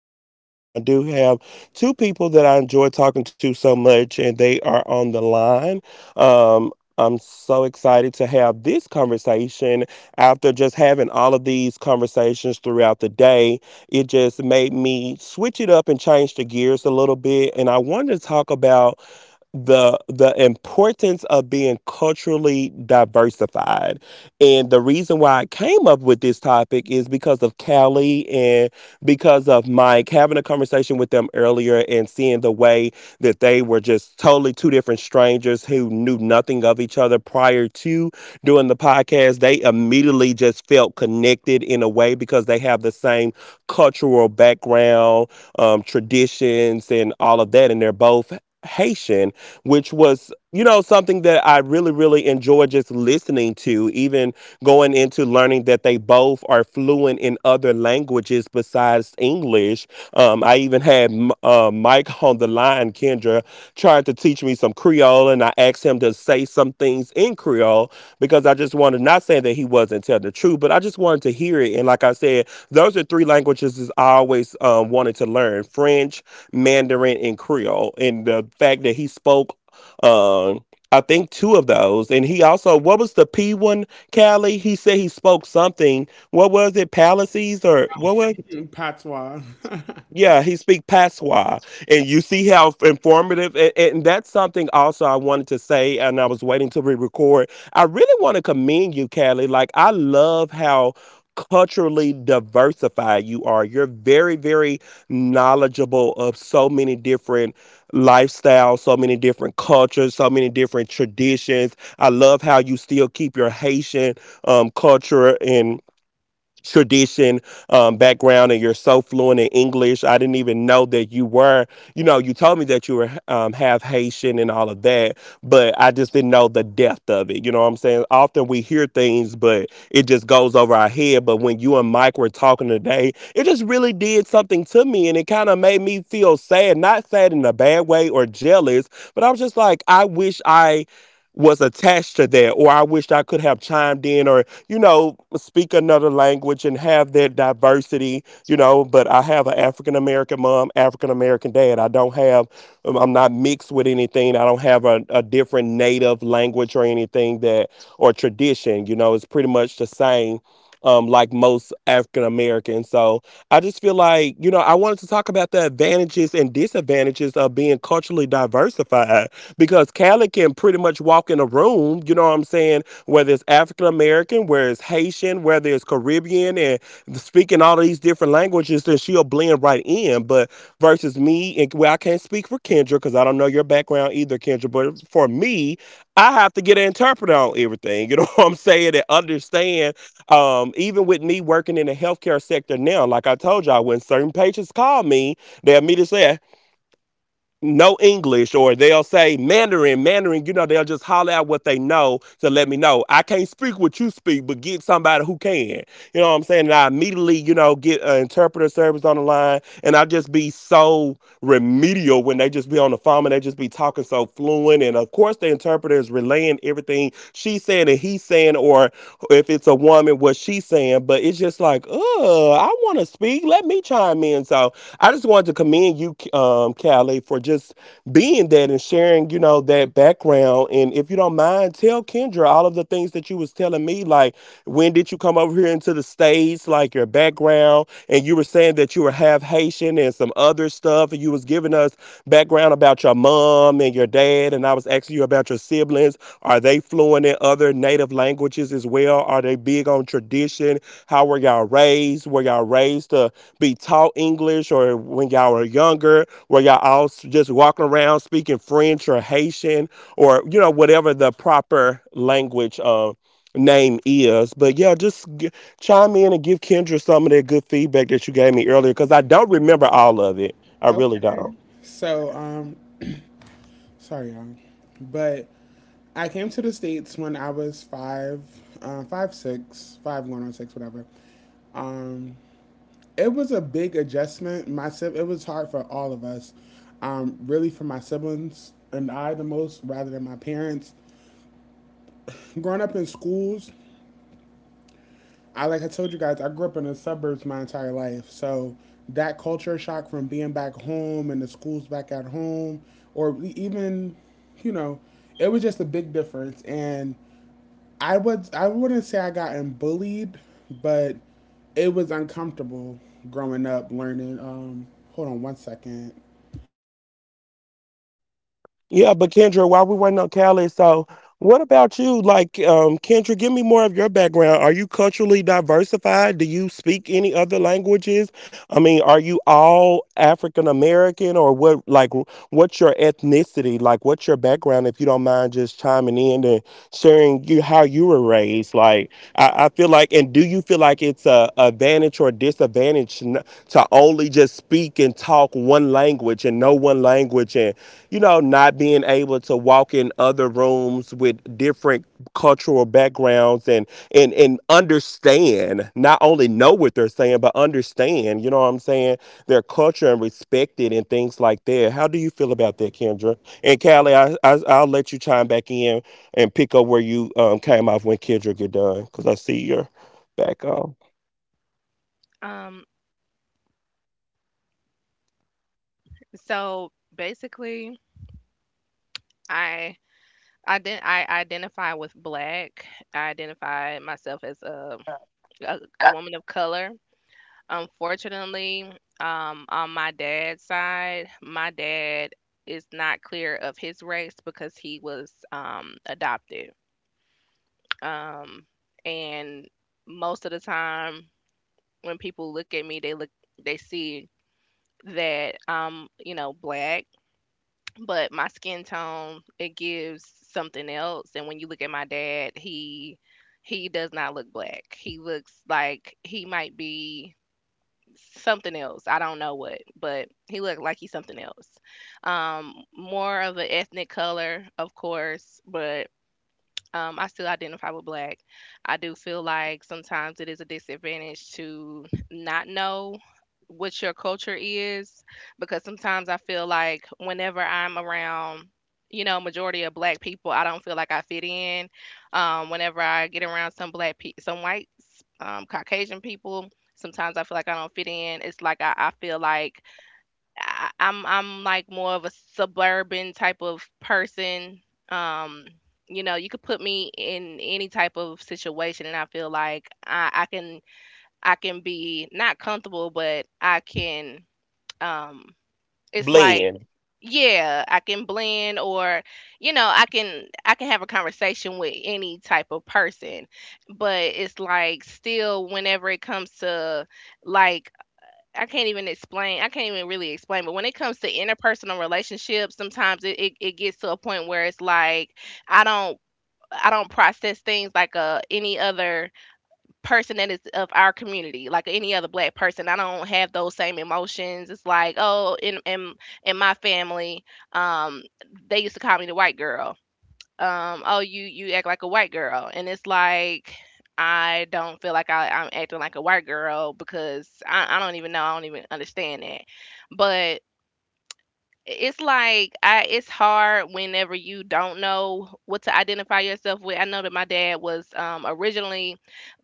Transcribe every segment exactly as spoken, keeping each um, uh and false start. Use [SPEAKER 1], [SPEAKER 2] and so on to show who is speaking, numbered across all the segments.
[SPEAKER 1] host, Jarvis, and I do have two people that I enjoy talking to so much, and they are on the line. Um, I'm so excited to have this conversation after just having all of these conversations throughout the day. It just made me switch it up and change the gears a little bit. And I wanted to talk about the the importance of being culturally diversified, and the reason why I came up with this topic is because of Callie and because of Mike having a conversation with them earlier and seeing the way that they were just totally two different strangers who knew nothing of each other prior to doing the podcast. They immediately just felt connected in a way because they have the same cultural background, um, traditions and all of that, and they're both Haitian, which was, you know, something that I really, really enjoy just listening to, even going into learning that they both are fluent in other languages besides English. Um, I even had uh, Mike on the line, Kendra, trying to teach me some Creole, and I asked him to say some things in Creole because I just wanted, not saying that he wasn't telling the truth, but I just wanted to hear it. And like I said, those are three languages that I always um, wanted to learn: French, Mandarin, and Creole. And the fact that he spoke um, I think two of those. And he also, what was the P one, Callie? He said he spoke something. What was it? Palaces or what was
[SPEAKER 2] Mm, Patois.
[SPEAKER 1] yeah, he speak Patois, and you see how informative. And, and that's something also I wanted to say, and I was waiting to re-record. I really want to commend you, Callie. Like I love how culturally diversified you are. You're very, very knowledgeable of so many different lifestyles, so many different cultures, so many different traditions. I love how you still keep your Haitian um, culture and tradition, um, background, and you're so fluent in English. I didn't even know that you were you know, you told me that you were um, half Haitian and all of that, but I just didn't know the depth of it. You know what I'm saying? Often we hear things but it just goes over our head, but when you and Mike were talking today it just really did something to me and it kind of made me feel sad. Not sad in a bad way or jealous, but I was just like, I wish I was attached to that, or I wished I could have chimed in, or, you know, speak another language and have that diversity. You know, but I have an African American mom, African American dad. I don't have i'm I'm not mixed with anything. I don't have a, a different native language or anything that, or tradition. You know, it's pretty much the same, um, like most African Americans. So I just feel like, you know, I wanted to talk about the advantages and disadvantages of being culturally diversified because Callie can pretty much walk in a room, you know what I'm saying, whether it's African American, whether it's Haitian, whether it's Caribbean, and speaking all of these different languages, then she'll blend right in. But versus me, and well, I can't speak for Kendra because I don't know your background either, Kendra, but for me, I have to get an interpreter on everything, you know what I'm saying, and understand, um, even with me working in the healthcare sector now, like I told y'all, when certain patients call me, they'll immediately say no English, or they'll say Mandarin, Mandarin, you know, they'll just holler out what they know to let me know. I can't speak what you speak, but get somebody who can. You know what I'm saying? And I immediately, you know, get an interpreter service on the line, and I just be so remedial when they just be on the phone and they just be talking so fluent. And of course, the interpreter is relaying everything she's saying and he's saying, or if it's a woman, what she's saying. But it's just like, oh, I want to speak. Let me chime in. So I just wanted to commend you, um, Callie, for just being that and sharing, you know, that background. And if you don't mind, tell Kendra all of the things that you was telling me, like when did you come over here into the States, like your background, and you were saying that you were half Haitian and some other stuff, and you was giving us background about your mom and your dad, and I was asking you about your siblings. Are they fluent in other native languages as well? Are they big on tradition? How were y'all raised? Were y'all raised to be taught English, or when y'all were younger, where y'all all s- just walking around speaking French or Haitian or, you know, whatever the proper language uh, name is. But yeah, just g- chime in and give Kendra some of that good feedback that you gave me earlier because I don't remember all of it. I really
[SPEAKER 2] Okay.
[SPEAKER 1] don't.
[SPEAKER 2] So, um, sorry, y'all. But I came to the States when I was five, uh, five, six, five, going on six, whatever. Um, it was a big adjustment. My si- It was hard for all of us. Um, really for my siblings and I the most rather than my parents. Growing up in schools, I like I told you guys, I grew up in the suburbs my entire life. So that culture shock from being back home and the schools back at home, or e, even, you know, it was just a big difference. And I would I wouldn't say I gotten bullied, but it was uncomfortable growing up learning. Um, hold on one second.
[SPEAKER 1] Yeah, but Kendra, while we're waiting on Callie, so what about you? Like, um, Kendra, give me more of your background. Are you culturally diversified? Do you speak any other languages? I mean, are you all African American or what, like, what's your ethnicity? Like, what's your background, if you don't mind just chiming in and sharing you how you were raised? Like, I, I feel like, and do you feel like it's a advantage or disadvantage n- to only just speak and talk one language and know one language, and you know, not being able to walk in other rooms with different cultural backgrounds and and and understand, not only know what they're saying, but understand, you know what I'm saying, their culture and respect it and things like that. How do you feel about that, Kendra? And Callie, I, I I'll let you chime back in and pick up where you um came off when Kendra get done, because I see your back on.
[SPEAKER 3] Um, so basically, I I did I identify with black. I identify myself as a a, a woman of color. Unfortunately, um, on my dad's side, my dad is not clear of his race because he was um adopted. Um, and most of the time when people look at me, they look they see that I'm, you know, black. But my skin tone, it gives something else, and when you look at my dad, he he does not look black. He looks like he might be something else. I don't know what, but he looked like he's something else. Um, more of an ethnic color, of course, but um, I still identify with black. I do feel like sometimes it is a disadvantage to not know what your culture is, because sometimes I feel like whenever I'm around, you know, majority of black people, I don't feel like I fit in. Um, whenever I get around some black pe- some whites, um, Caucasian people, sometimes I feel like I don't fit in. It's like I, I feel like I, I'm I'm like more of a suburban type of person. Um, you know, you could put me in any type of situation, and I feel like I, I can I can be not comfortable, but I can. Um, it's like
[SPEAKER 1] Blend.
[SPEAKER 3] yeah, I can blend, or you know, I can I can have a conversation with any type of person, but it's like still whenever it comes to, like, I can't even explain. I can't even really explain. But when it comes to interpersonal relationships, sometimes it, it, it gets to a point where it's like I don't I don't process things like uh any other person that is of our community, like any other black person. I don't have those same emotions. It's like, oh, in in, in my family, um, they used to call me the white girl, um, "Oh, you you act like a white girl," and it's like I don't feel like I, I'm acting like a white girl because I, I don't even know I don't even understand that, but it's like I, it's hard whenever you don't know what to identify yourself with. I know that my dad was um originally,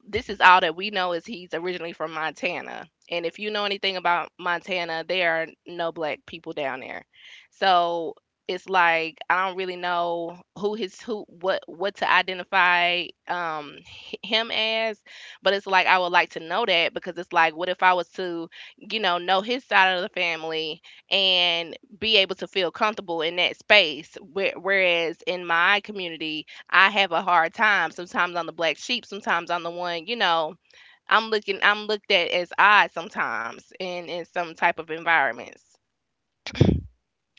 [SPEAKER 3] this is all that we know, is he's originally from Montana. And if you know anything about Montana, there are no black people down there. So it's like I don't really know who his who what what to identify um h- him as, but it's like I would like to know that because it's like what if I was to, you know, know his side of the family and be able to feel comfortable in that space. Where, whereas in my community, I have a hard time. Sometimes I'm the black sheep. Sometimes I'm the one, you know, I'm looking, I'm looked at as odd sometimes in in some type of environments.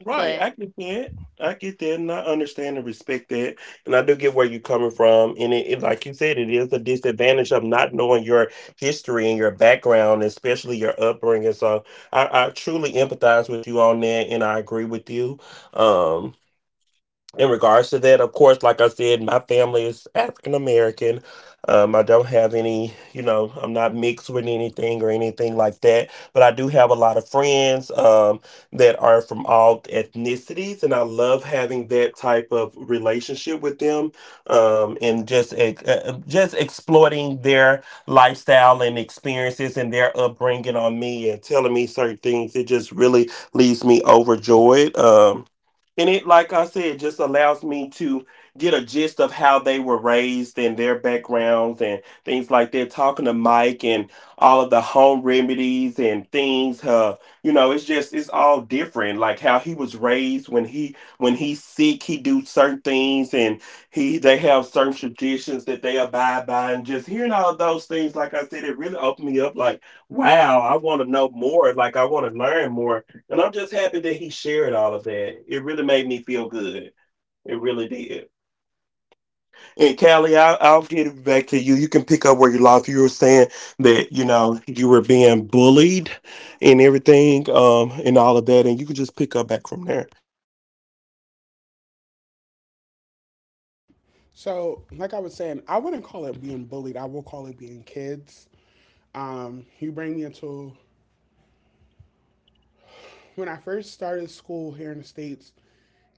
[SPEAKER 1] Right,
[SPEAKER 3] But
[SPEAKER 1] I get that. I get that, and I understand and respect that, and I do get where you're coming from. And it, it, like you said, it is a disadvantage of not knowing your history and your background, especially your upbringing. So I, I truly empathize with you on that, and I agree with you. Um in regards to that, of course, like I said, my family is African American. Um, I don't have any, you know, I'm not mixed with anything or anything like that. But I do have a lot of friends, um, that are from all ethnicities, and I love having that type of relationship with them, um, and just ex- uh, just exploiting their lifestyle and experiences and their upbringing on me and telling me certain things. It just really leaves me overjoyed. Um, and it, like I said, just allows me to get a gist of how they were raised and their backgrounds and things like that. Talking to Mike and all of the home remedies and things, uh, you know, it's just it's all different. Like how he was raised when he when he's sick, he do certain things, and he they have certain traditions that they abide by. And just hearing all of those things, like I said, it really opened me up. Like, wow, I want to know more. Like I want to learn more, and I'm just happy that he shared all of that. It really made me feel good. It really did. And Callie, I'll, I'll get it back to you. You can pick up where you lost. You were saying that, you know, you were being bullied and everything, um, and all of that. And you can just pick up back from there.
[SPEAKER 2] So, like I was saying, I wouldn't call it being bullied. I will call it being kids. Um, you bring me into when I first started school here in the States,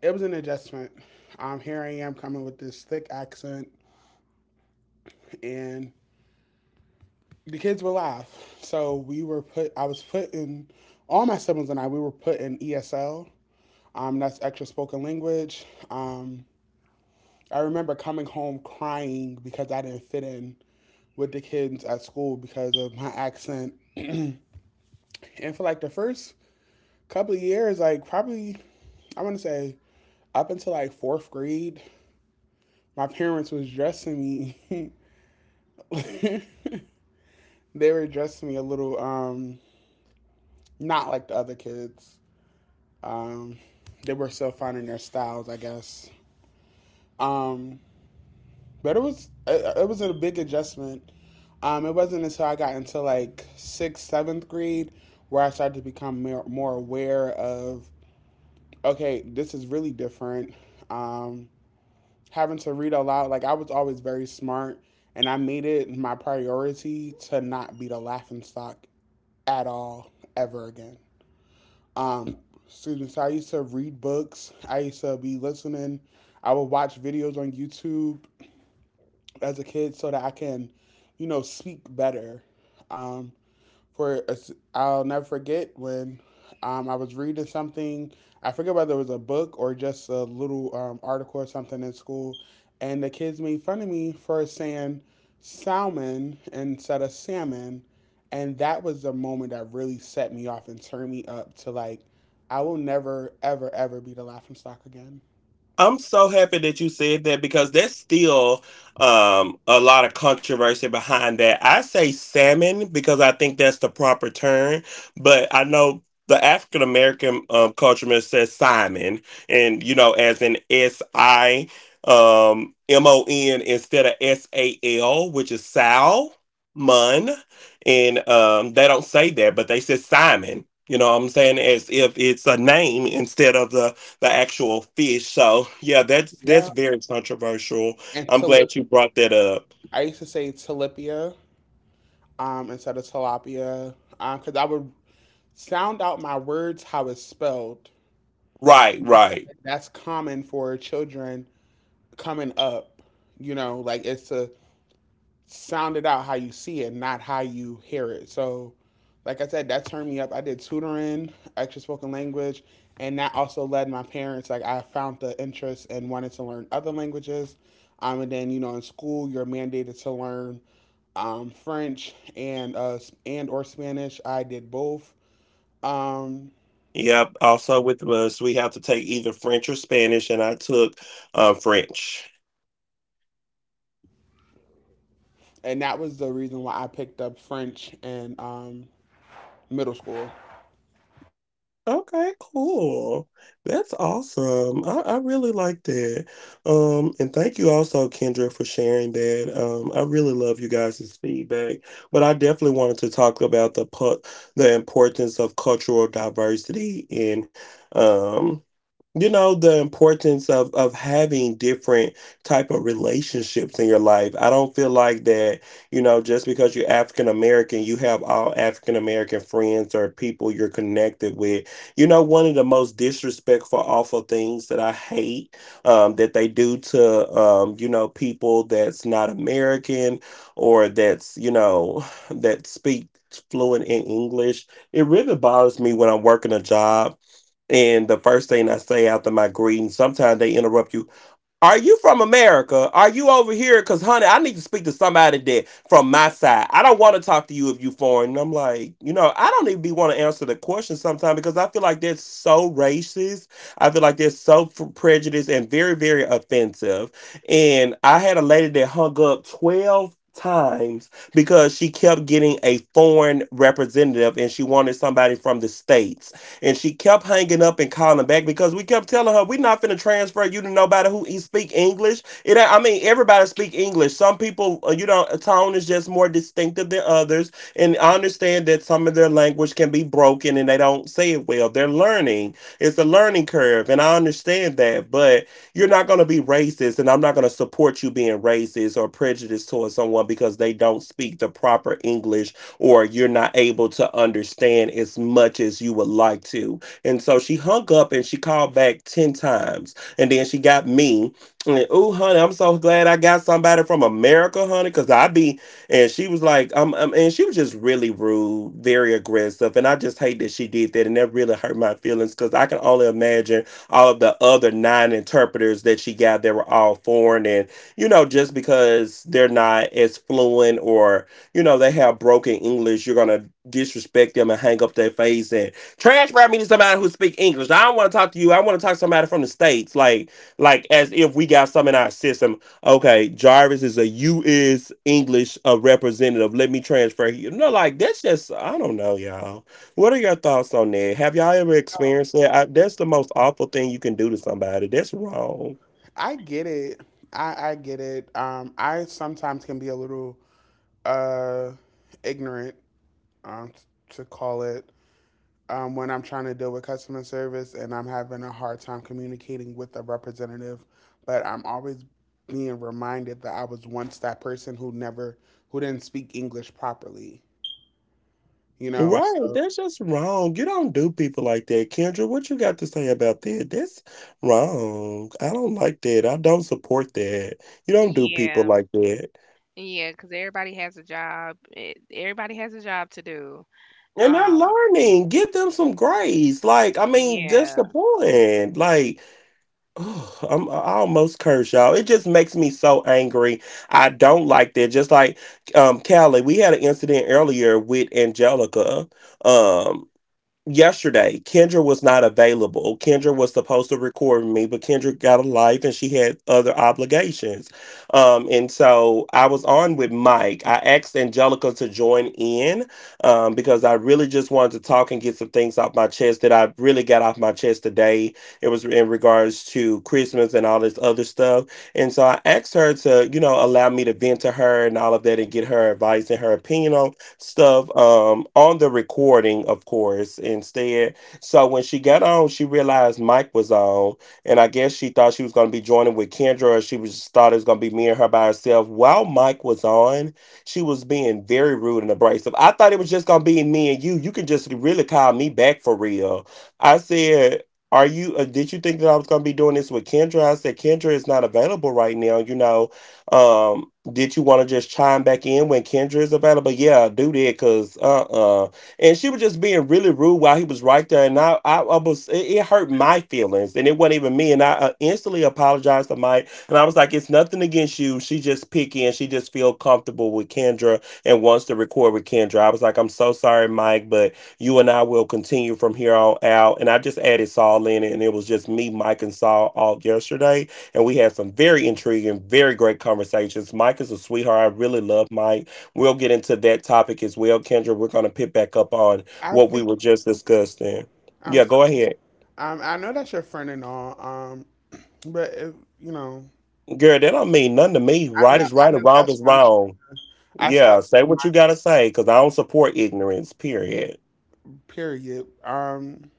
[SPEAKER 2] it was an adjustment. Um, here I am coming with this thick accent, and the kids were laugh. So we were put, I was put in, all my siblings and I, we were put in E S L. Um, that's extra spoken language. Um, I remember coming home crying because I didn't fit in with the kids at school because of my accent. And for like the first couple of years, like probably, I want to say up until like fourth grade, my parents was dressing me. They were dressing me a little um not like the other kids. Um, they were still finding their styles, I guess. Um, but it was it, it was a big adjustment. Um, it wasn't until I got into like sixth, seventh grade where I started to become more, more aware of okay, this is really different. Um, Having to read aloud, like I was always very smart, and I made it my priority to not be the laughing stock at all ever again. Um, Students, I used to read books, I used to be listening, I would watch videos on YouTube as a kid so that I can, you know, speak better. Um, for a s- I'll never forget when um, I was reading something. I forget whether it was a book or just a little um, article or something in school, and the kids made fun of me for saying salmon instead of salmon, and that was the moment that really set me off and turned me up to like, I will never ever ever be the laughing stock again.
[SPEAKER 1] I'm so happy that you said that because there's still, um, a lot of controversy behind that. I say salmon because I think that's the proper term, but I know the African American uh, culture man says Simon, and you know, as in S I um, M O N instead of S A L, which is Sal Mun, and um, they don't say that, but they say Simon. You know what I'm saying? As if it's a name instead of the the actual fish. So yeah, that's
[SPEAKER 2] Yeah,
[SPEAKER 1] that's very controversial.
[SPEAKER 2] and
[SPEAKER 1] I'm
[SPEAKER 2] tilip-
[SPEAKER 1] glad you brought that up.
[SPEAKER 2] I used to say tilapia um, instead of tilapia because I would sound out my words how it's spelled.
[SPEAKER 1] Right,
[SPEAKER 2] And I feel
[SPEAKER 1] right.
[SPEAKER 2] like that's common for children coming up. You know, like it's to sound it out how you see it, not how you hear it. So, like I said, that turned me up. I did tutoring, extra spoken language, and that also led my parents. Like I found the interest and wanted to learn other languages. Um, and then you know, in school, you're mandated to learn um, French and uh, and or Spanish. I did both. Um,
[SPEAKER 1] Yep. Also with us, we have to take either French or Spanish, and I took uh, French.
[SPEAKER 2] and that was the reason why I picked up French in um, middle school.
[SPEAKER 1] Okay, cool. That's awesome. I, I really like that. Um, and thank you also, Kendra, for sharing that. Um, I really love you guys' feedback. But I definitely wanted to talk about the pu- the importance of cultural diversity in. um you know, the importance of of having different type of relationships in your life. I don't feel like that, you know, just because you're African American you have all African American friends or people you're connected with. You know, one of the most disrespectful awful things that I hate, um, that they do to, um, you know, people that's not American or that's, you know, that speak fluent in English, it really bothers me when I'm working a job and the first thing I say after my greeting, sometimes they interrupt you. Are you from America? Are you over here? Cause honey, I need to speak to somebody that from my side. I don't want to talk to you if you foreign. And I'm like, you know, I don't even be want to answer the question sometimes because I feel like that's so racist. I feel like that's so f- prejudiced and very, very offensive. And I had a lady that hung up twelve times because she kept getting a foreign representative and she wanted somebody from the states, and she kept hanging up and calling back because we kept telling her, we're not finna transfer you to nobody who e- speak English. It, ain't- I mean, everybody speak English. Some people, uh, you know, a tone is just more distinctive than others. And I understand that some of their language can be broken and they don't say it well. They're learning. It's a learning curve. And I understand that. But you're not going to be racist, and I'm not going to support you being racist or prejudiced towards someone because they don't speak the proper English or you're not able to understand as much as you would like to. And so she hung up and she called back ten times, and then she got me. And oh honey, I'm so glad I got somebody from America honey, because I be. And she was like, um, um and she was just really rude, very aggressive, and I just hate that she did that, and that really hurt my feelings because I can only imagine all of the other nine interpreters that she got, they were all foreign. And, you know, just because they're not as fluent, or, you know, they have broken English, you're going to disrespect them and hang up their face and transfer me to somebody who speak English. I don't want to talk to you. I want to talk to somebody from the States. Like, like as if we got some in our system. Okay, Jarvis is a U S. English uh, representative. Let me transfer you. No, like, that's just, I don't know, y'all. What are your thoughts on that? Have y'all ever experienced that? I, that's the most awful thing you can do to somebody. That's wrong.
[SPEAKER 2] I get it. I, I get it. Um, I sometimes can be a little uh, ignorant, um, t- to call it, um, when I'm trying to deal with customer service and I'm having a hard time communicating with a representative. But I'm always being reminded that I was once that person who never, who didn't speak English properly. You know,
[SPEAKER 1] Right.
[SPEAKER 2] so
[SPEAKER 1] That's just wrong. You don't do people like that. Kendra, what you got to say about that? That's wrong. I don't like that. I don't support that. You don't do people
[SPEAKER 3] yeah,
[SPEAKER 1] like that.
[SPEAKER 3] yeah, because everybody has a job. eh, Everybody has a job to do.
[SPEAKER 1] And they're
[SPEAKER 3] Um,
[SPEAKER 1] learning. Give them some grace. Like, I mean, that's the
[SPEAKER 3] yeah.
[SPEAKER 1] point. Like, oh, I'm, I almost curse y'all. It just makes me so angry. I don't like that. Just like, um, Callie, we had an incident earlier with Angelica. Um Yesterday Kendra was not available. Kendra was supposed to record with me, but Kendra got a life and she had other obligations. Um and so I was on with Mike. I asked Angelica to join in, um because I really just wanted to talk and get some things off my chest that I really got off my chest today. It was in regards to Christmas and all this other stuff. And so I asked her to, you know, allow me to vent to her and all of that, and get her advice and her opinion on stuff, um, on the recording, of course, instead. So when she got on, she realized Mike was on, and I guess she thought she was going to be joining with Kendra, or she was just thought it was going to be me and her by herself. While Mike was on, she was being very rude and abrasive. I thought it was just going to be me and you. You can just really call me back for real. I said, are you, uh, did you think that I was going to be doing this with Kendra? I said, Kendra is not available right now, you know. um did you want to just chime back in when Kendra is available? Yeah, do that because uh uh. And she was just being really rude while he was right there, and I I, I was, it, it hurt my feelings, and it wasn't even me. And I uh, instantly apologized to Mike, and I was like, it's nothing against you. She just picky, and she just feel comfortable with Kendra and wants to record with Kendra. I was like, I'm so sorry, Mike, but you and I will continue from here on out. And I just added Saul in it, and it was just me, Mike, and Saul all yesterday, and we had some very intriguing, very great conversations. Mike is a sweetheart. I really love Mike. We'll get into that topic as well, Kendra. We're going to pick back up on
[SPEAKER 2] I
[SPEAKER 1] what we were
[SPEAKER 2] think
[SPEAKER 1] just discussing.
[SPEAKER 2] I'm
[SPEAKER 1] Yeah,
[SPEAKER 2] sorry.
[SPEAKER 1] go ahead.
[SPEAKER 2] Um, I know that's your friend and all. Um, But if, you know,
[SPEAKER 1] Girl, that don't mean nothing to me.
[SPEAKER 2] I
[SPEAKER 1] Right
[SPEAKER 2] know,
[SPEAKER 1] is
[SPEAKER 2] I
[SPEAKER 1] right
[SPEAKER 2] know
[SPEAKER 1] and wrong
[SPEAKER 2] that's
[SPEAKER 1] is
[SPEAKER 2] not true.
[SPEAKER 1] wrong.
[SPEAKER 2] I still have
[SPEAKER 1] Yeah,
[SPEAKER 2] to
[SPEAKER 1] say
[SPEAKER 2] be
[SPEAKER 1] what you got
[SPEAKER 2] my
[SPEAKER 1] to say because I don't support ignorance, period.
[SPEAKER 2] period. Um,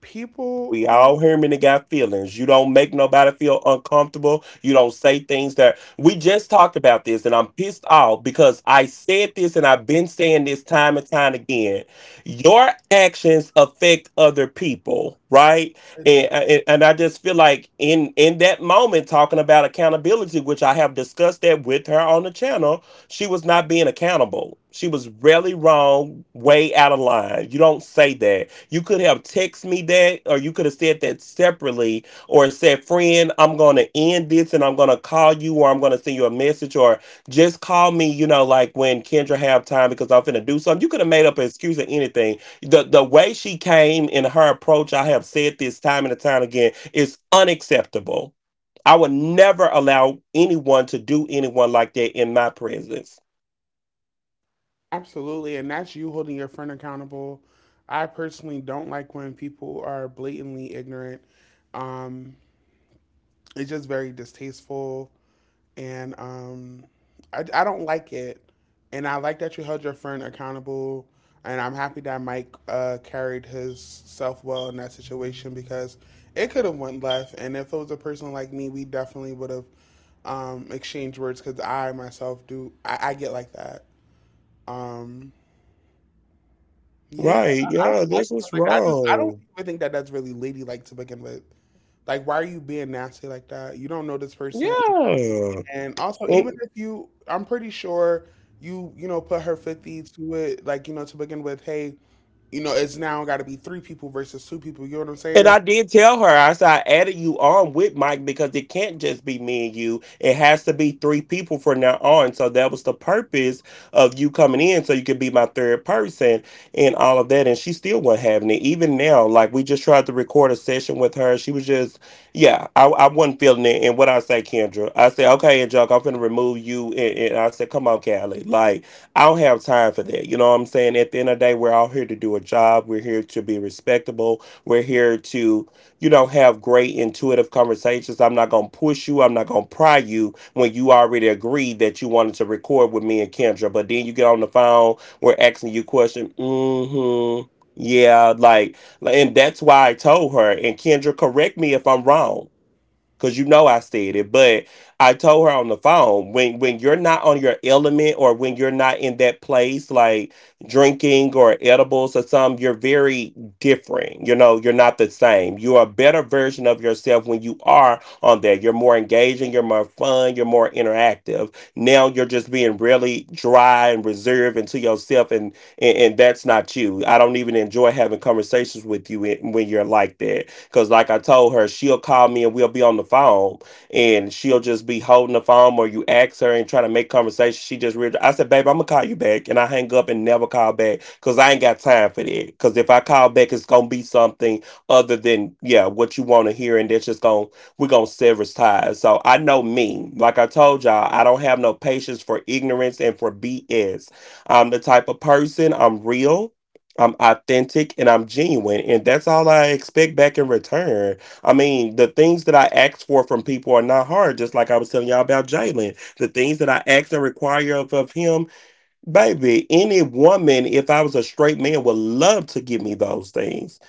[SPEAKER 2] People,
[SPEAKER 1] We all human and got feelings. You don't make nobody feel uncomfortable. You don't say things that, we just talked about this, and I'm pissed off because I said this and I've been saying this time and time again. Your actions affect other people, right?
[SPEAKER 2] it
[SPEAKER 1] And
[SPEAKER 2] does
[SPEAKER 1] uh, and, and I just feel like in in that moment talking about accountability, which I have discussed that with her on the channel, she was not being accountable. She was really wrong, way out of line. You don't say that. You could have texted me that, or you could have said that separately, or said, friend, I'm going to end this and I'm going to call you, or I'm going to send you a message, or just call me, you know, like when Kendra have time because I'm finna do something. You could have made up an excuse or anything. The, the way she came in her approach, I have said this time and time again, is unacceptable. I would never allow anyone to do anyone like that in my presence.
[SPEAKER 2] absolutely, and that's you holding your friend accountable. I personally don't like when people are blatantly ignorant. Um, it's just very distasteful. And um, I, I don't like it. And I like that you held your friend accountable. And I'm happy that Mike uh, carried his self well in that situation because it could have went left. And if it was a person like me, we definitely would have um, exchanged words because I myself do. I, I get like that. Um, yeah,
[SPEAKER 1] Right.
[SPEAKER 2] I, I
[SPEAKER 1] Yeah,
[SPEAKER 2] don't like
[SPEAKER 1] this
[SPEAKER 2] stuff
[SPEAKER 1] was
[SPEAKER 2] like that. I just I don't
[SPEAKER 1] wrong.
[SPEAKER 2] even think that that's really ladylike to begin with. Like, why are you being nasty like that? You don't know this person.
[SPEAKER 1] Yeah.
[SPEAKER 2] And also, even if you, I'm pretty sure you, you know, put her fifty to it, like, you know, to begin with, hey, you know, it's now got to be three people versus two people. You know what I'm
[SPEAKER 1] And
[SPEAKER 2] saying?
[SPEAKER 1] I did tell her, I said, I added you on with Mike because it can't just be me and you. It has to be three people from now on. So that was the purpose of you coming in so you could be my third person and all of that. And she still wasn't having it. Even now, like we just tried to record a session with her. She was just, yeah, I, I wasn't feeling it. And what I say, Kendra, I said, okay, and Jock, I'm going to remove you. And, and I said, come on, Callie. Like, I don't have time for that. You know what I'm saying? At the end of the day, we're all here to do a job. We're here to be respectable. We're here to, you know, have great intuitive conversations. I'm not going to push you. I'm not going to pry you when you already agreed that you wanted to record with me and Kendra. But then you get on the phone, we're asking you questions. Mm hmm. Yeah, like, and that's why I told her. And Kendra, correct me if I'm wrong, cause you know I said it, but I told her on the phone when when you're not on your element or when you're not in that place, like drinking or edibles or something, you're very different. You know, you're not the same. You're a better version of yourself when you are on there. You're more engaging, you're more fun, you're more interactive. Now you're just being really dry and reserved and to yourself, and and, and that's not you. I don't even enjoy having conversations with you when when you're like that because, like I told her, she'll call me and we'll be on the phone, and she'll just be holding the phone, or you ask her and try to make conversation. She just real. I said, babe, I'm gonna call you back, and I hang up and never call back because I ain't got time for that. Because if I call back, it's gonna be something other than yeah what you want to hear, and that's just gonna, we're gonna sever ties. So I know me. Like I told y'all, I don't have no patience for ignorance and for B S. I'm the type of person. I'm real. I'm authentic and I'm genuine, and that's all I expect back in return. I mean, the things that I ask for from people are not hard, just like I was telling y'all about Jalen. The things that I ask and require of, of him, baby, any woman, if I was a straight man, would love to give me those things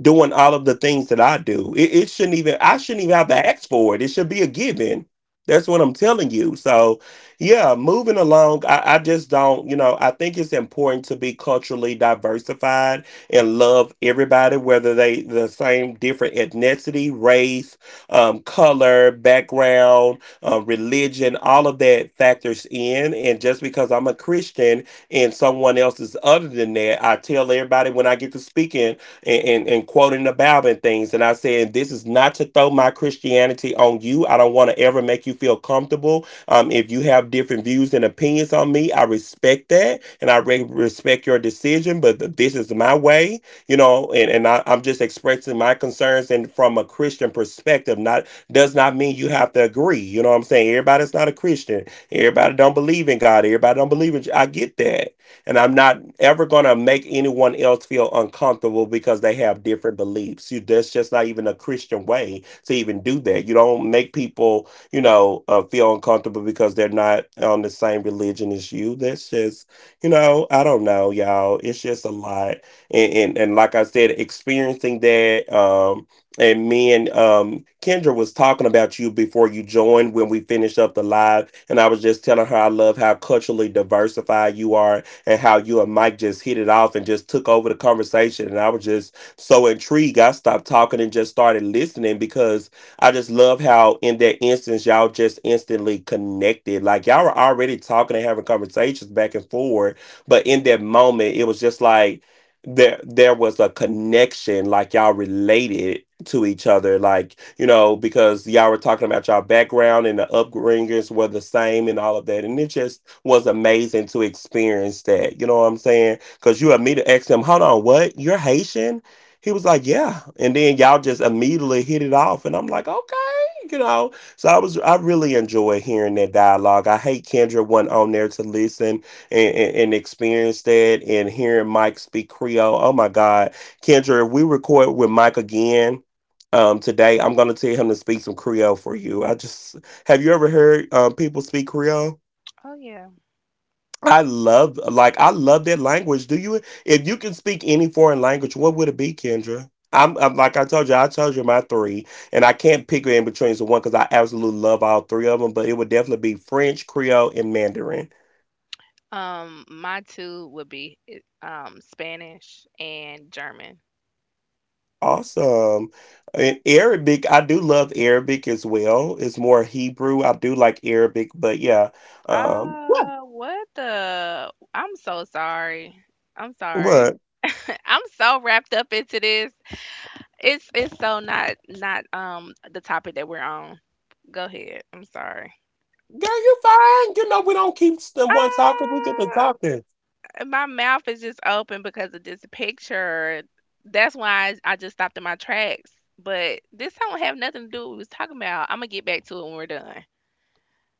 [SPEAKER 1] doing all of the things that I do. It, it shouldn't even I shouldn't even have to ask for it. It should be a given. That's what I'm telling you. So yeah, moving along, I, I just don't, you know, I think it's important to be culturally diversified and love everybody, whether they the same different ethnicity, race, um, color, background, uh, religion, all of that factors in. And just because I'm a Christian and someone else is other than that, I tell everybody when I get to speaking and, and, and quoting the Bible and things. And I said, this is not to throw my Christianity on you. I don't want to ever make you feel comfortable. Um, if you have different views and opinions on me, I respect that and I re- respect your decision, but this is my way, you know, and, and I, I'm just expressing my concerns and from a Christian perspective, not does not mean you have to agree. You know what I'm saying? Everybody's not a Christian. Everybody don't believe in God. Everybody don't believe in. I get that and I'm not ever going to make anyone else feel uncomfortable because they have different beliefs. You, that's just not even a Christian way to even do that. You don't make people, you know, uh, feel uncomfortable because they're not on the same religion as you. That's just, you know, I don't know, y'all. It's just a lot. And, and, and like I said, experiencing that, um, and me and um, Kendra was talking about you before you joined when we finished up the live. And I was just telling her I love how culturally diversified you are and how you and Mike just hit it off and just took over the conversation. And I was just so intrigued. I stopped talking and just started listening because I just love how in that instance y'all just instantly connected. Like y'all were already talking and having conversations back and forward, but in that moment it was just like there there was a connection like y'all related to each other like you know because y'all were talking about y'all background and the upbringings were the same and all of that and it just was amazing to experience that. You know what I'm saying? Because you immediately asked him, hold on, what? You're Haitian? He was like, yeah. And then y'all just immediately hit it off. And I'm like, okay, you know. So I was, I really enjoy hearing that dialogue. I hate Kendra wasn't on there to listen and, and, and experience that and hearing Mike speak Creole. Oh my God. Kendra, if we record with Mike again, um, today I'm gonna tell him to speak some Creole for you. I just have you ever heard um, people speak Creole?
[SPEAKER 3] Oh yeah.
[SPEAKER 1] I love like I love that language. Do you if you can speak any foreign language, what would it be, Kendra? I'm, I'm like I told you, I told you my three, and I can't pick in between the one because I absolutely love all three of them. But it would definitely be French, Creole, and Mandarin.
[SPEAKER 3] Um, my two would be eh, um Spanish and German.
[SPEAKER 1] Awesome. And Arabic, I do love Arabic as well. It's more Hebrew. I do like Arabic, but yeah. Um, what?
[SPEAKER 3] Uh, what the? I'm so sorry. I'm sorry.
[SPEAKER 1] What?
[SPEAKER 3] I'm so wrapped up into this. It's it's so not not um the topic that we're on. Go ahead. I'm sorry.
[SPEAKER 1] Girl, you fine. You know we don't keep s- the one talking. We get to talking.
[SPEAKER 3] Uh, my mouth is just open because of this picture. That's why I, I just stopped in my tracks. But this don't have nothing to do with what we was talking about. I'm gonna get back to it when we're done.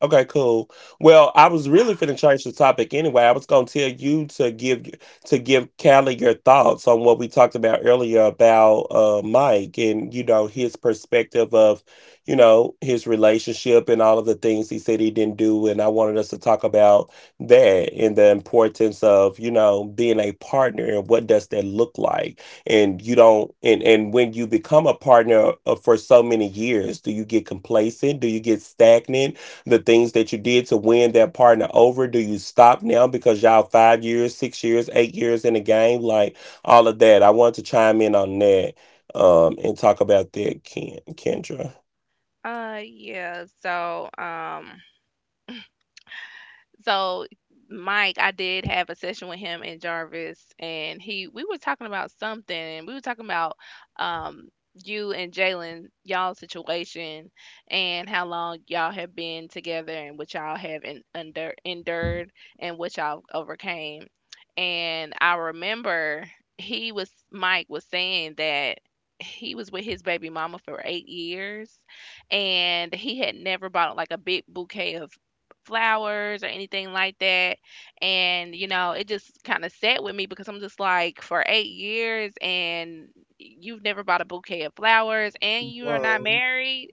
[SPEAKER 1] Okay, cool. Well, I was really finna change the topic anyway. I was gonna tell you to give to give Callie your thoughts on what we talked about earlier about uh Mike and you know his perspective of you know his relationship and all of the things he said he didn't do, and I wanted us to talk about that and the importance of you know being a partner and what does that look like, and you don't and and when you become a partner uh, for so many years, do you get complacent? Do you get stagnant? The things that you did to win that partner over? Do you stop now because y'all five years, six years, eight years in the game? Like all of that. I want to chime in on that um, and talk about that, Ken, Kendra.
[SPEAKER 3] Uh, yeah. So, um. So Mike, I did have a session with him and Jarvis, and he we were talking about something, and we were talking about um you and Jalen, y'all situation, and how long y'all have been together, and what y'all have en- under endured, and what y'all overcame. And I remember he was Mike was saying that he was with his baby mama for eight years, and he had never bought like a big bouquet of flowers or anything like that. And, you know, it just kind of sat with me because I'm just like, for eight years and you've never bought a bouquet of flowers and you are not
[SPEAKER 2] Bro,
[SPEAKER 3] married.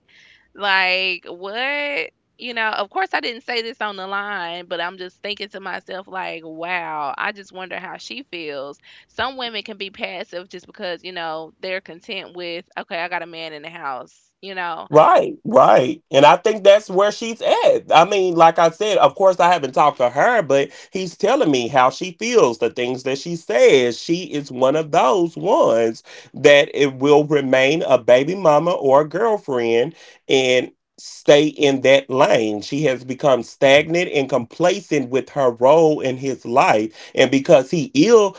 [SPEAKER 3] Like, what? You know, of course, I didn't say this on the line, but I'm just thinking to myself, like, wow, I just wonder how she feels. Some women can be passive just because, you know, they're content with, okay, I got a man in the house, you know,
[SPEAKER 1] Right, right. And I think that's where she's at. I mean, like I said, of course, I haven't talked to her, but he's telling me how she feels, the things that she says. She is one of those ones that it will remain a baby mama or a girlfriend and stay in that lane. She has become stagnant and complacent with her role in his life. And because he is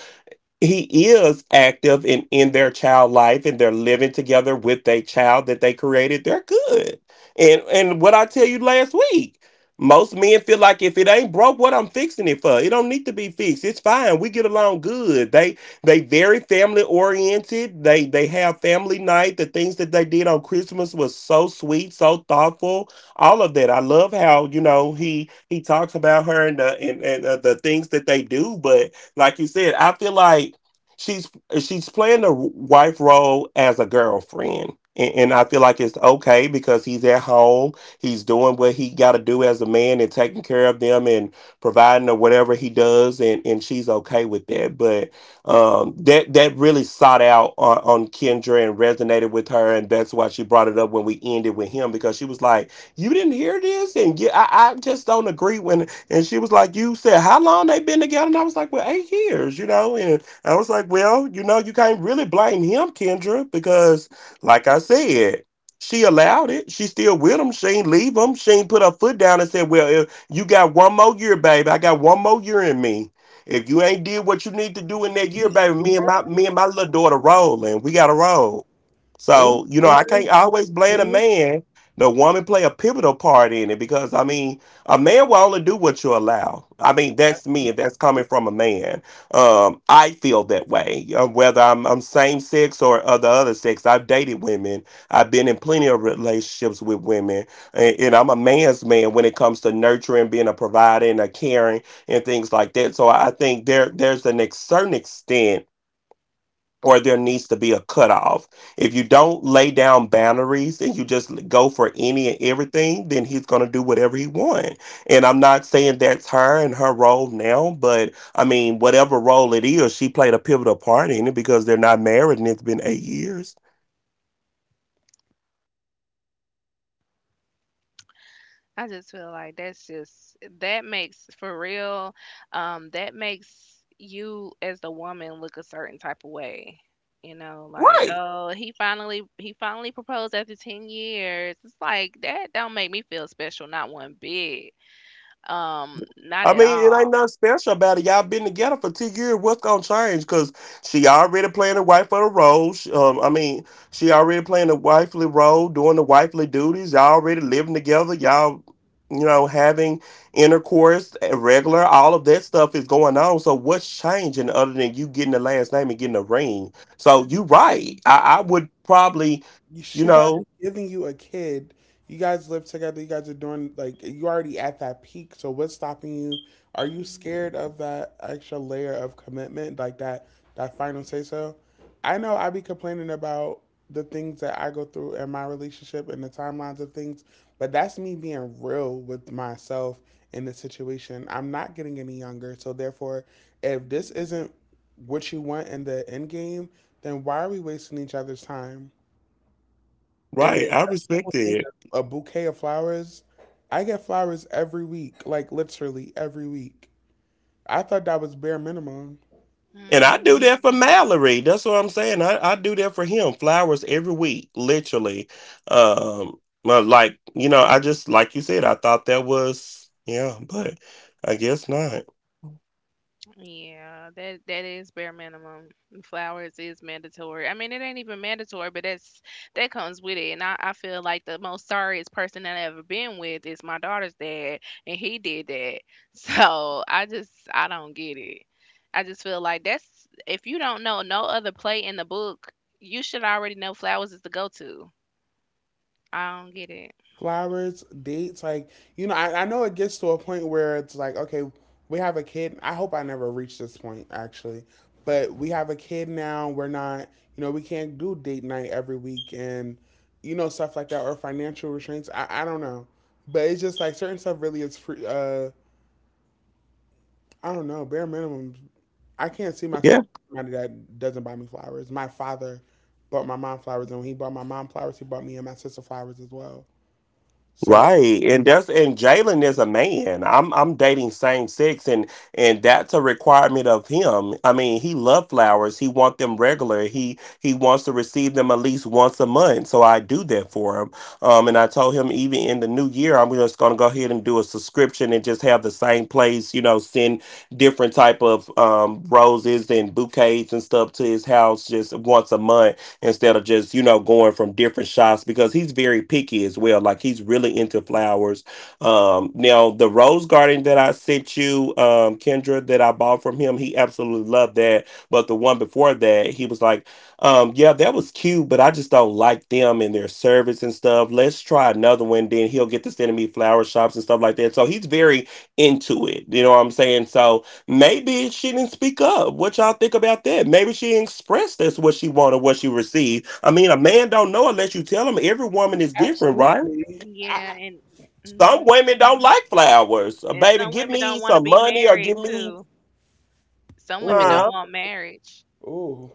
[SPEAKER 1] he is active in in their child life and they're living together with a child that they created they're good and and what I tell you last week most men feel like if it ain't broke what I'm fixing it for it don't need to be fixed it's fine we get along good they they very family oriented they they have family night the things that they did on Christmas was so sweet so thoughtful all of that I love how you know he he talks about her and the and, and uh, the things that they do but like you said, I feel like she's she's playing the wife role as a girlfriend. And, and I feel like it's okay because he's at home. He's doing what he got to do as a man and taking care of them and providing or whatever he does, and, and she's okay with that. But um, that that really sought out on, on Kendra and resonated with her, and that's why she brought it up when we ended with him because she was like, "You didn't hear this," and yeah, I, I just don't agree. When and she was like, "You said how long they been together?" And I was like, "Well, eight years, you know." And I was like, "Well, you know, you can't really blame him, Kendra, because like I said." She allowed it. She still with him. She ain't leave him. She ain't put her foot down and said, "Well, if you got one more year, baby. I got one more year in me. If you ain't did what you need to do in that year,
[SPEAKER 2] eight
[SPEAKER 1] baby, me and my me and
[SPEAKER 2] years?
[SPEAKER 1] my little daughter rolling. We got to roll."
[SPEAKER 2] Eight
[SPEAKER 1] So, you know, I can't always blame a
[SPEAKER 2] years?
[SPEAKER 1] man. The woman play a pivotal part in it because I mean, a man will only do what you allow. I mean, that's me, and that's coming from a man. Um, I feel that way. Uh, Whether I'm, I'm same sex or other other sex, I've dated women. I've been in plenty of relationships with women, and, and I'm a man's man when it comes to nurturing, being a provider, and a caring, and things like that. So I think there there's an ex- certain extent or there needs to be a cutoff. If you don't lay down boundaries and you just go for any and everything, then he's going to do whatever he wants. And I'm not saying that's her and her role now, but I mean, whatever role it is, she played a pivotal part in it because they're not married and it's been eight years.
[SPEAKER 3] I just feel like that's just, that makes, for real, um, that makes you as the woman look a certain type of way. You know, like,
[SPEAKER 1] Right.
[SPEAKER 3] oh, he finally he finally proposed after ten years. It's like that don't make me feel special, not one bit. Um, not
[SPEAKER 1] I
[SPEAKER 3] at
[SPEAKER 1] mean, it ain't
[SPEAKER 3] all.
[SPEAKER 1] nothing special about it. Y'all been together for two years. What's gonna change? Cause she already playing the wife of the role. She, um, I mean, she already playing the wifely role, doing the wifely duties. Y'all already living together. Y'all, you know, having intercourse, uh, regular. All of that stuff is going on. So what's changing other than you getting the last name and getting a ring? So you
[SPEAKER 3] Mhm.
[SPEAKER 1] right. I, I would probably,
[SPEAKER 2] You-
[SPEAKER 1] you
[SPEAKER 2] she's
[SPEAKER 1] know,
[SPEAKER 2] already giving you a kid. You guys live together. You guys are doing like you already at that peak. So what's stopping you? Are you scared of that extra layer of commitment, like that that final say so? I know I be complaining about the things that I go through in my relationship and the timelines of things, but that's me being real with myself in the situation. I'm not getting any younger, so therefore, if this isn't what you want in the end game, then why are we wasting each other's time? And then
[SPEAKER 1] right. I
[SPEAKER 2] a
[SPEAKER 1] respect
[SPEAKER 2] simple thing,
[SPEAKER 1] that.
[SPEAKER 2] a bouquet of flowers. I get flowers every week, like literally every week. I thought that was bare minimum.
[SPEAKER 1] And I do
[SPEAKER 3] Mhm.
[SPEAKER 1] that for Mallory. That's what I'm saying. I, I do that for him. Flowers every week, literally. Um, but like, you know, I just like you said, I thought that was yeah, but I guess not.
[SPEAKER 3] Yeah, that that is bare minimum. And flowers is mandatory. I mean, it ain't even mandatory, but that's that comes with it. And I, I feel like the most sorriest person that I ever been with is my daughter's dad, and he did that. So I just I don't get it. I just feel like that's, if you don't know no other play in the book, you should already know flowers is the go-to. I don't get it.
[SPEAKER 2] Flowers, dates, like, you know, I, I know it gets to a point where it's like, okay, we have a kid. I hope I never reach this point, actually. But we have a kid now. We're not, you know, we can't do date night every week and, you know, stuff like that or financial restraints. I, I don't know. But it's just like certain stuff really is free, uh, I don't know. Bare minimum, I can't see myself
[SPEAKER 1] Yeah.
[SPEAKER 2] as somebody that doesn't buy me flowers. My father bought my mom flowers, and when he bought my mom flowers, he bought me and my sister flowers as well. So
[SPEAKER 1] Right. And that's and Jalen is a man. I'm I'm dating same sex and and that's a requirement of him. I mean, he loves flowers. He wants them regular. He he wants to receive them at least once a month. So I do that for him. Um and I told him, even in the new year, I'm just gonna go ahead and do a subscription and just have the same place, you know, send different type of um roses and bouquets and stuff to his house just once a month, instead of, just, you know, going from different shops, because he's very picky as well. Like, he's really into flowers. Um, now the rose garden that I sent you, um, Kendra, that I bought from him, he absolutely loved that. But the one before that, he was like, um, yeah, that was cute, but I just don't like them and their service and stuff. Let's try another one. Then he'll get to sending me flower shops and stuff like that. So he's very into it. You know what I'm saying? So, maybe she didn't speak up. What y'all think about that? Maybe she didn't express that's what she wanted, what she received. I mean, a man don't know unless you tell him. Every woman is different, right?
[SPEAKER 2] absolutely, I
[SPEAKER 3] Yeah, and hmm,
[SPEAKER 1] Some women don't like flowers. Uh,
[SPEAKER 3] and
[SPEAKER 1] Baby,
[SPEAKER 3] some
[SPEAKER 1] give
[SPEAKER 3] women don't
[SPEAKER 1] me
[SPEAKER 3] want to
[SPEAKER 1] some
[SPEAKER 3] be
[SPEAKER 1] money or
[SPEAKER 3] married
[SPEAKER 1] give me,
[SPEAKER 3] too.
[SPEAKER 2] I-
[SPEAKER 3] Some women
[SPEAKER 2] ooh,
[SPEAKER 3] don't
[SPEAKER 1] huh?
[SPEAKER 3] want marriage.
[SPEAKER 2] ooh,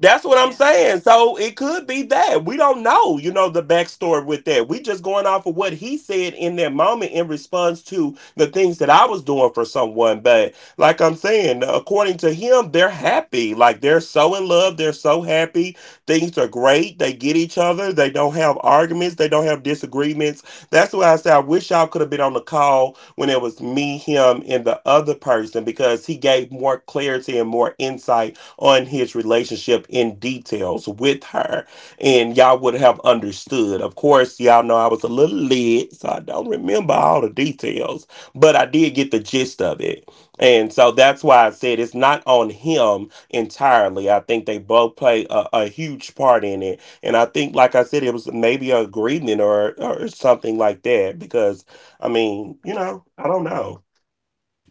[SPEAKER 1] That's what I'm saying. So it could be that. We don't know, you know, the backstory with that. We just going off of what he said in that moment in response to the things that I was doing for someone. But like I'm saying, according to him, they're happy. Like, they're so in love. They're so happy. Things are great. They get each other. They don't have arguments. They don't have disagreements. That's why I say I wish y'all could have been on the call when it was me, him, and the other person, because he gave more clarity and more insight on his relationship in details with her, and y'all would have understood. Of course, y'all know I was a little lit, so I don't remember all the details, but I did get the gist of it. And so that's why I said it's not on him entirely. I think they both play a, a huge part in it. And I think, like I said, it was maybe an agreement or, or something like that. Because, I mean, you know, I don't know.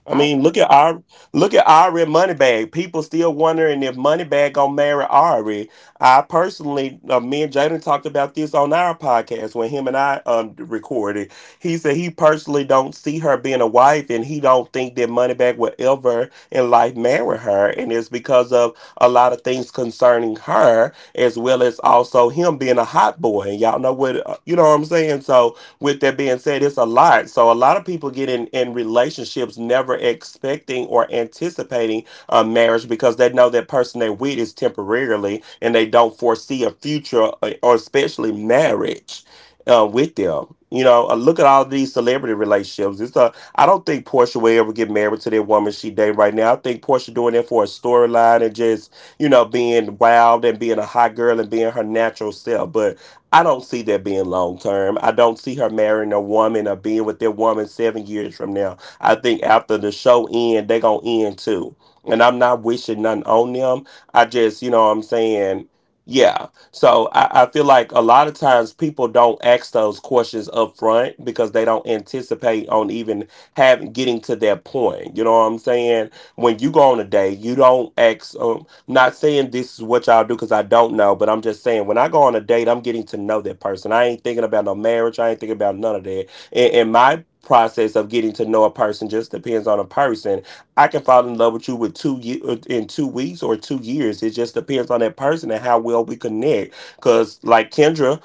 [SPEAKER 1] I
[SPEAKER 2] I
[SPEAKER 1] mean, look at our look at Ari and Moneybag. People still wondering if Moneybag gonna marry Ari. I personally, uh, me and Jaden talked about this on our podcast when him and I um recorded. He said he personally don't see her being a wife, and he don't think that Moneybag will ever in life marry her, and it's because of a lot of things concerning her, as well as also him being a hot boy. And y'all know what, uh, you know what I'm saying. So with that being said, it's a lot. So a lot of people get in, in relationships never expecting or anticipating a marriage, because they know that person they with is temporarily and they don't foresee a future, uh, or especially marriage, uh, with them. You know, uh, look at all these celebrity relationships. It's a I don't think Portia will ever get married to that woman she dating right now. I think Portia doing that for a storyline and just, you know, being wild and being a hot girl and being her natural self. But I don't see that being long term. I don't see her marrying a woman or being with their woman seven years from now. I think after the show end, they're gonna end too. And I'm not wishing nothing on them. I just, you know what I'm saying? Yeah. So I, I feel like a lot of times people don't ask those questions up front because they don't anticipate on even having getting to that point. You know what I'm saying? When you go on a date, you don't ask. Um, not saying this is what y'all do because I don't know, but I'm just saying when I go on a date, I'm getting to know that person. I ain't thinking about no marriage. I ain't thinking about none of that. And, and my process of getting to know a person just depends on a person. I can fall in love with you with two ye- uh, in two weeks or two years. It just depends on that person and how well we connect. Because like Kendra,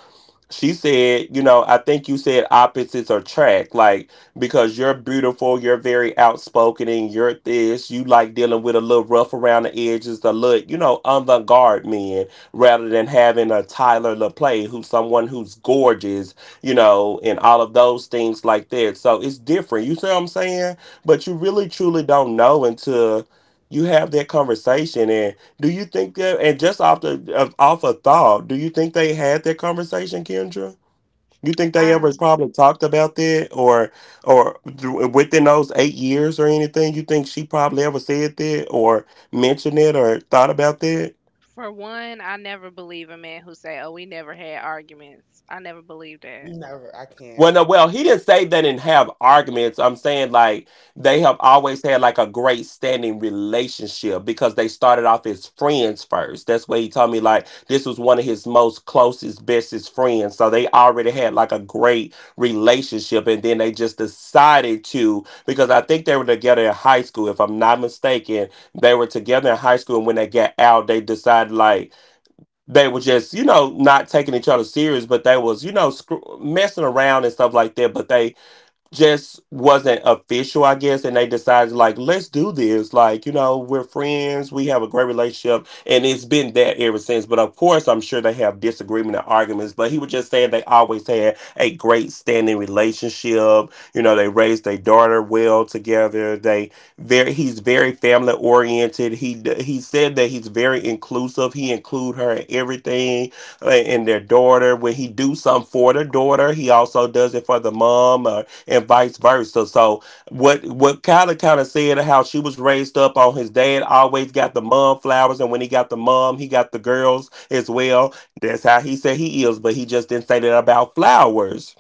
[SPEAKER 1] she said, you know, I think you said opposites attract, like, because you're beautiful, you're very outspoken, and you're this. You like dealing with a little rough around the edges, a little, you know, avant garde men, rather than having a Tyler LaPlay, who's someone who's gorgeous, you know, and all of those things like that. So it's different. You see what I'm saying? But you really truly don't know until you have that conversation. And do you think that, and just off the of, off a thought, do you think they had that conversation, Kendra? You think they
[SPEAKER 3] I
[SPEAKER 1] ever probably talked about that, or or th- within those eight years or anything? You think she probably ever said that, or mentioned it, or thought about that?
[SPEAKER 3] For one, I never believe a man who say, "Oh, we never had arguments." I never believe that.
[SPEAKER 2] never, I
[SPEAKER 1] Well,
[SPEAKER 2] can't.
[SPEAKER 1] no, well, he didn't say they didn't have arguments. I'm saying like they have always had like a great standing relationship because they started off as friends first. That's where he told me, like, this was one of his most closest, bestest friends. So they already had like a great relationship, and then they just decided to, because I think they were together in high school, if I'm not mistaken. They were together in high school, and when they got out, they decided like they were just, you know, not taking each other serious but they was, you know, screw- messing around and stuff like that, but they just wasn't official, I guess, and they decided like, let's do this. Like, you know, we're friends, we have a great relationship, and it's been that ever since. But of course, I'm sure they have disagreement and arguments. But he was just saying they always had a great standing relationship. You know, they raised their daughter well together. They very, he's very family oriented. He he said that he's very inclusive. He include her in everything, uh, and their daughter. When he do something for the daughter, he also does it for the mom. Uh, and vice versa. So what what Kyla kind of said, how she was raised up on his dad always got the mom flowers, and when he got the mom, he got the girls as well. That's how he said he is, but he just didn't say that about flowers.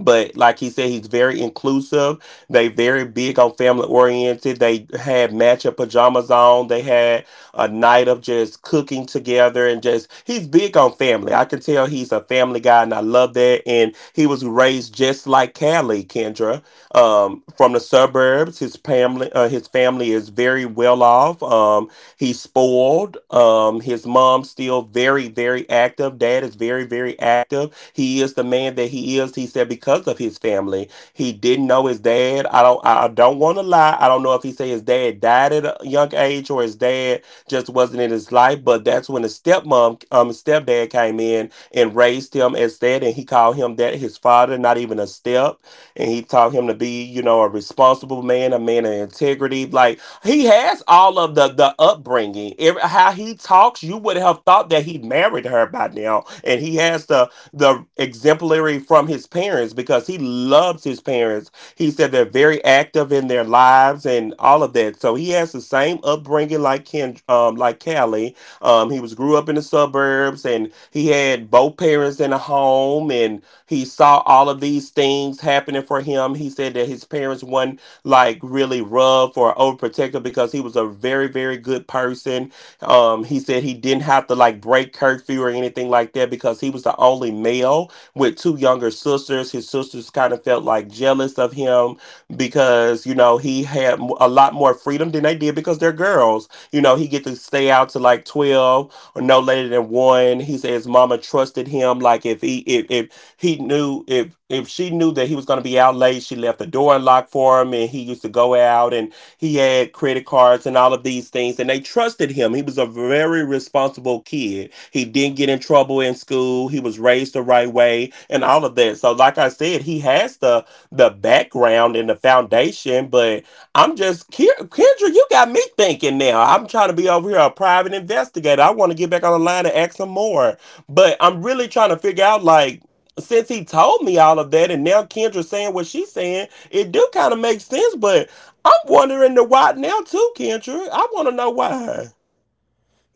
[SPEAKER 1] But like he said, he's very inclusive. They very big on family oriented. They had matcha pajamas on. They had a night of just cooking together and just, he's big on family. I can tell he's a family guy and I love that. And he was raised just like Callie, Kendra, um, from the suburbs. His family, uh, his family is very well off. Um, he's spoiled. Um, his mom's still very, very active. Dad is very, very active, he is the man that he is. He said because of his family. He didn't know his dad. I don't. I don't want to lie. I don't know if he said his dad died at a young age or his dad just wasn't in his life. But that's when his stepmom, um, stepdad came in and raised him as that, and he called him that, his father, not even a step. And he taught him to be, you know, a responsible man, a man of integrity. Like, he has all of the the upbringing. Every, how he talks, you would have thought that he married her by now, and he has the the exemplary from his parents because he loves his parents. He said they're very active in their lives and all of that. So he has the same upbringing like Ken, um, like Callie. Um, he was grew up in the suburbs and he had both parents in a home and he saw all of these things happening for him. He said that his parents weren't like really rough or overprotective because he was a very, very good person. Um, he said he didn't have to like break curfew or anything like that because he was the only male with two younger sisters. His sisters kind of felt like jealous of him because, you know, he had a lot more freedom than they did because they're girls. You know, he get to stay out to like twelve, no later than one. He said his mama trusted him. Like, if he if, if he knew, if if she knew that he was gonna be out late, she left the door unlocked for him, and he used to go out and he had credit cards and all of these things, and they trusted him. He was a very responsible kid. He didn't get in trouble in school. He was raised the right way, and all of that. So like I said, he has the the background and the foundation, but I'm just Ke- Kendra. You got me thinking now. I'm trying to be over here a private investigator. I want to get back on the line and ask some more, but I'm really trying to figure out like since he told me all of that, and now Kendra saying what she's saying, it do kind of make sense. But I'm wondering the why now too, Kendra. I want to know why.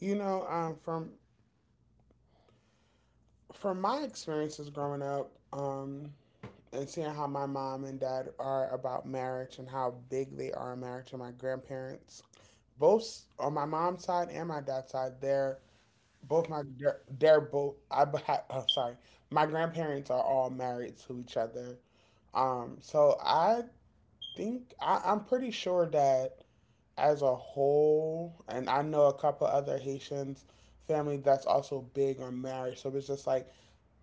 [SPEAKER 2] You know, um, from from my experiences growing up, um, and seeing how my mom and dad are about marriage and how big they are in marriage, and my grandparents, both on my mom's side and my dad's side, they're both my gr- they're both I b- ha- oh, sorry, my grandparents are all married to each other. Um, so I think I, I'm pretty sure that as a whole, and I know a couple other Haitians family that's also big on marriage. So it's just like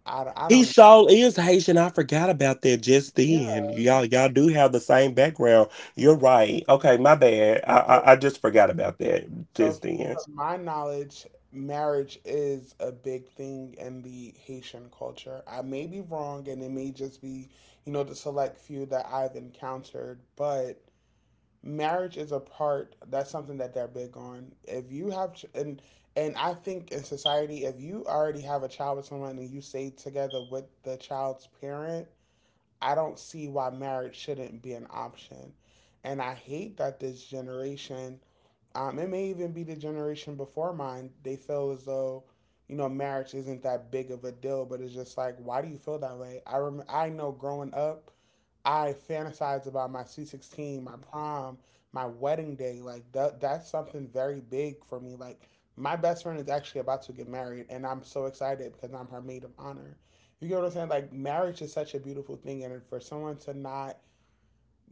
[SPEAKER 2] I, d- I
[SPEAKER 1] He
[SPEAKER 2] don't know.
[SPEAKER 1] sure is Haitian. I forgot about that just
[SPEAKER 2] Yeah.
[SPEAKER 1] then. Y'all, y'all do have the same background. You're right. Okay, my bad. I,
[SPEAKER 2] So,
[SPEAKER 1] I, I just forgot about that
[SPEAKER 2] so
[SPEAKER 1] just then.
[SPEAKER 2] from my knowledge, marriage is a big thing in the Haitian culture. I may be wrong, and it may just be, you know, the select few that I've encountered, but marriage is a part that's something that they're big on if you have and and I think in society if you already have a child with someone and you stay together with the child's parent, I don't see why marriage shouldn't be an option. And I hate that this generation, um, it may even be the generation before mine, they feel as though, you know, marriage isn't that big of a deal. But it's just like why do you feel that way? i rem- I know growing up I fantasize about my C sixteen, my prom, my wedding day. Like that that's something very big for me. Like my best friend is actually about to get married and I'm so excited because I'm her maid of honor. You get what I'm saying? Like marriage is such a beautiful thing and for someone to not,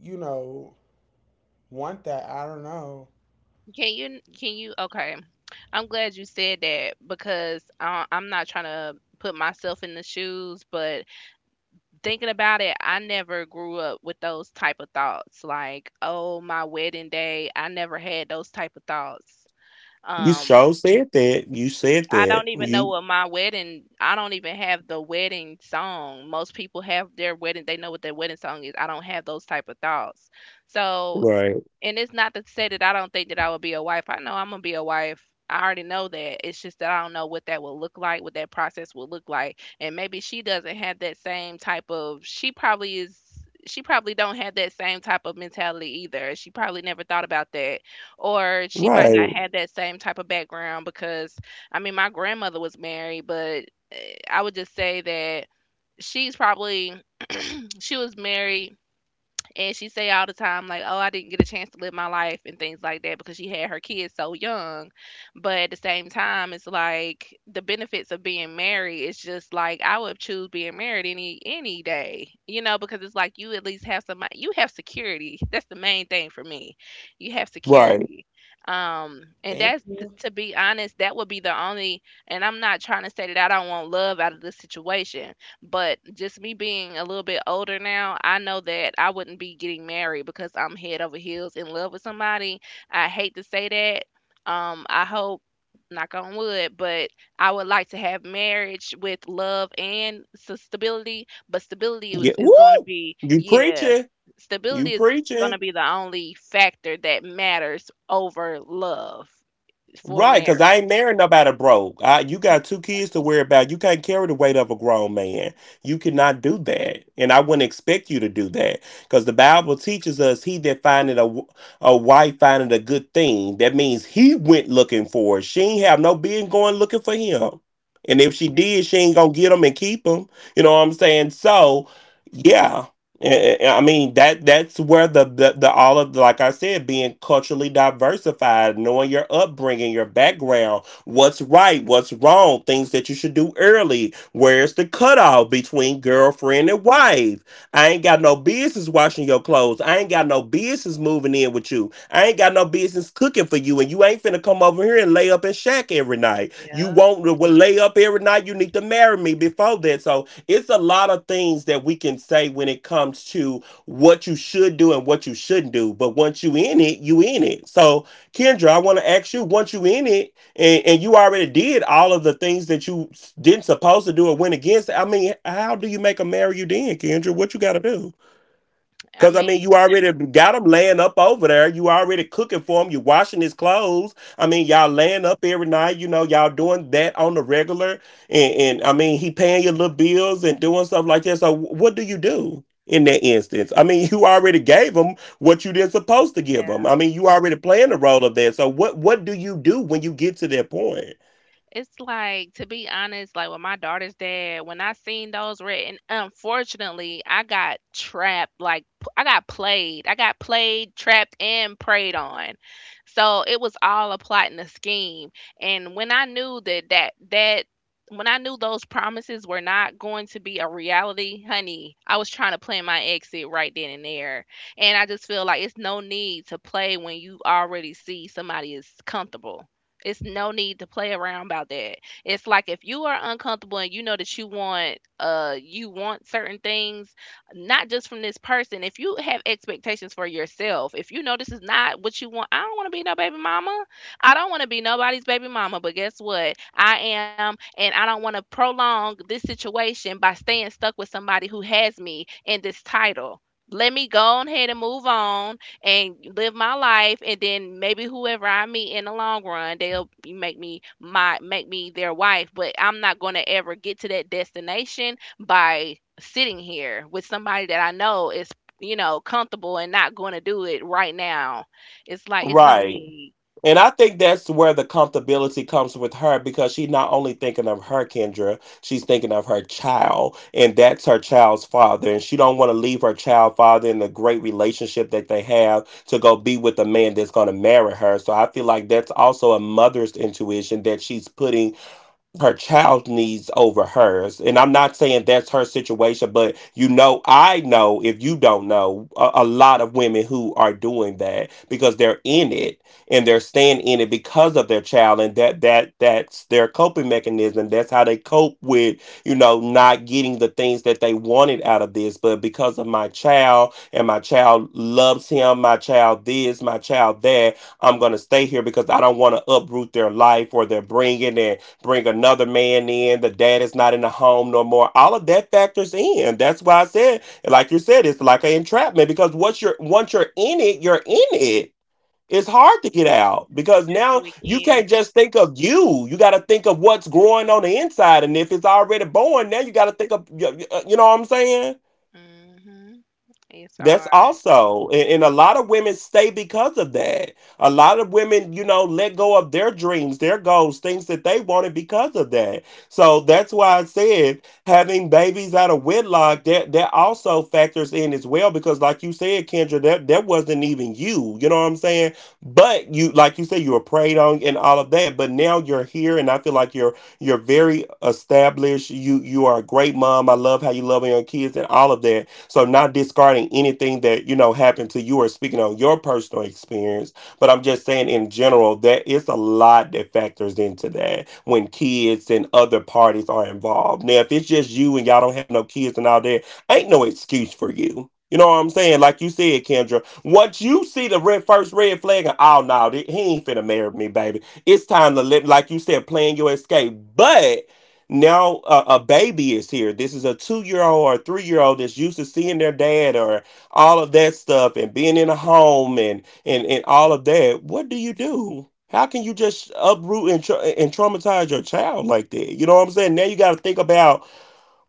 [SPEAKER 2] you know, want that, I don't know.
[SPEAKER 3] Can you? Can you? Okay, I'm glad you said that because I, I'm not trying to put myself in the shoes, but thinking about it, I never grew up with those type of thoughts. Like, oh, my wedding day, I never had those type of thoughts.
[SPEAKER 1] You
[SPEAKER 3] Um,
[SPEAKER 1] sure said that. You said
[SPEAKER 3] I
[SPEAKER 1] that.
[SPEAKER 3] don't even know
[SPEAKER 1] You
[SPEAKER 3] what my wedding, I don't even have the wedding song. Most people have their wedding, they know what their wedding song is. I don't have those type of thoughts. So,
[SPEAKER 1] right,
[SPEAKER 3] and it's not to say that I don't think that I would be a wife. I know I'm gonna be a wife. I already know that. It's just that I don't know what that will look like, what that process will look like. And maybe she doesn't have that same type of, she probably is, she probably don't have that same type of mentality either. She probably never thought about that. Or she might
[SPEAKER 1] right,
[SPEAKER 3] not have that same type of background because I mean my grandmother was married, but eh, I would just say that she's probably she was married and she say all the time, like, oh, I didn't get a chance to live my life and things like that because she had her kids so young. But at the same time, it's like the benefits of being married is just like I would choose being married any any day, you know, because it's like you at least have somebody, you have security. That's the main thing for me. You have
[SPEAKER 1] right.
[SPEAKER 3] security. Um, and
[SPEAKER 2] Thank
[SPEAKER 3] that's t-
[SPEAKER 2] you.
[SPEAKER 3] to be honest, that would be the only, and I'm not trying to say that I don't want love out of this situation, but just me being a little bit older now, I know that I wouldn't be getting married because I'm head over heels in love with somebody. I hate to say that. Um, I hope, knock on wood, but I would like to have marriage with love and s- stability. But stability is,
[SPEAKER 1] Yeah.
[SPEAKER 3] is going to
[SPEAKER 1] Woo!
[SPEAKER 3] be,
[SPEAKER 1] You
[SPEAKER 3] yeah,
[SPEAKER 1] preaching. You
[SPEAKER 3] stability is going
[SPEAKER 1] preaching.
[SPEAKER 3] to be the only factor that matters over love for
[SPEAKER 1] Right, because I
[SPEAKER 3] marriage.
[SPEAKER 1] ain't marrying nobody broke. I, you got two kids to worry about. You can't carry the weight of a grown man. You cannot do that. And I wouldn't expect you to do that because the Bible teaches us he that findeth a, w- a wife findeth a good thing. That means he went looking for her. She ain't have no being going looking for him. And if she
[SPEAKER 3] Yeah,
[SPEAKER 1] did, she ain't going to get him and keep him. You know what I'm saying? So, yeah. Eh, eh, I mean that that's where the, the the all of, like I said, being culturally diversified, knowing your upbringing, your background, what's right, what's wrong, things that you should do early, where's the cutoff between girlfriend and wife. I ain't got no business washing your clothes. I ain't got no business moving in with you. I ain't got no business cooking for you, and you ain't finna come over here and lay up and shack every night. You
[SPEAKER 3] yeah.
[SPEAKER 1] want to lay up every night. You need to marry me before that. So it's a lot of things that we can say when it comes to what you should do and what you shouldn't do. But once you in it, you in it. So Kendra, I want to ask you, once you in it and, and you already did all of the things that you didn't supposed to do or went against, I mean, how do you make a marry you then, Kendra? What you got to do?
[SPEAKER 3] I
[SPEAKER 1] Cause I mean,
[SPEAKER 3] mean,
[SPEAKER 1] you already got him laying up over there. You already cooking for him. You washing his clothes. I mean, y'all laying up every night. You know, y'all doing that on the regular. And, and I mean, he paying your little bills and doing stuff like that. So what do you do in that instance? I mean, you already gave him what you didn't supposed to give him.
[SPEAKER 3] yeah.
[SPEAKER 1] I mean, you already playing the role of that. So what what do you do when you get to that point?
[SPEAKER 3] It's like, to be honest, like with my daughter's dad, when I seen those red, and unfortunately, I got trapped. Like, p- I got played. I got played, trapped, and preyed on. So it was all a plot and a scheme. And when I knew that that that when I knew those promises were not going to be a reality, honey, I was trying to plan my exit right then and there. And I just feel like it's no need to play when you already see somebody is comfortable. It's no need to play around about that. It's like if you are uncomfortable and you know that you want uh you want certain things, not just from this person. If you have expectations for yourself, if you know this is not what you want, I don't want to be no baby mama. I don't want to be nobody's baby mama, but guess what? I am, and I don't want to prolong this situation by staying stuck with somebody who has me in this title. Let me go on ahead and move on and live my life. And then maybe whoever I meet in the long run, they'll make me my make me their wife. But I'm not going to ever get to that destination by sitting here with somebody that I know is you know comfortable and not going to do it right now. It's like it's no
[SPEAKER 1] Right.
[SPEAKER 3] need.
[SPEAKER 1] And I think that's where the comfortability comes with her, because she's not only thinking of her Kendra, she's thinking of her child, and that's her child's father. And she don't want to leave her child father in the great relationship that they have to go be with a man that's going to marry her. So I feel like that's also a mother's intuition that she's putting her child's needs over hers. And I'm not saying that's her situation, but you know, I know if you don't know a, a lot of women who are doing that because they're in it and they're staying in it because of their child, and that that that's their coping mechanism. That's how they cope with, you know, not getting the things that they wanted out of this. But because of my child and my child loves him, my child this, my child that, I'm gonna stay here because I don't want to uproot their life or their bringing and bring another man in, the dad is not in the home no more. All of that factors in. That's why I said, like you said, it's like an entrapment because once you're once you're in it, you're in it. It's hard to get
[SPEAKER 3] Mm.
[SPEAKER 1] out because
[SPEAKER 3] Especially
[SPEAKER 1] now
[SPEAKER 3] with
[SPEAKER 1] you can't
[SPEAKER 3] kids.
[SPEAKER 1] just think of you. You got to think of what's growing on the inside, and if it's already born, now you got to think of you you- know what I'm saying.
[SPEAKER 3] Mhm. It's
[SPEAKER 1] That's
[SPEAKER 3] hard.
[SPEAKER 1] also, and, and a lot of women stay because of that. A lot of women, you know, let go of their dreams, their goals, things that they wanted because of that. So that's why I said having babies out of wedlock, that that also factors in as well. Because like you said, Kendra, that that wasn't even you. You know what I'm saying? But you, like you said, you were preyed on and all of that. But now you're here, and I feel like you're you're very established. You you are a great mom. I love how you love on your kids and all of that, so not discarding anything that, you know, happened to you or speaking on your personal experience, but I'm just saying in general that it's a lot that factors into that when kids and other parties are involved. Now, if it's just you and y'all don't have no kids and all that, ain't no excuse for you. You know what I'm saying? Like you said, Kendra, once you see the red first red flag, and oh no, th- he ain't finna marry me, baby. It's time to let, like you said, plan your escape. But now a, a baby is here. This is a two year old or a three year old that's used to seeing their dad or all of that stuff and being in a home and and and all of that. What do you do? How can you just uproot and, tra- and traumatize your child like that? You know what I'm saying? Now you got to think about,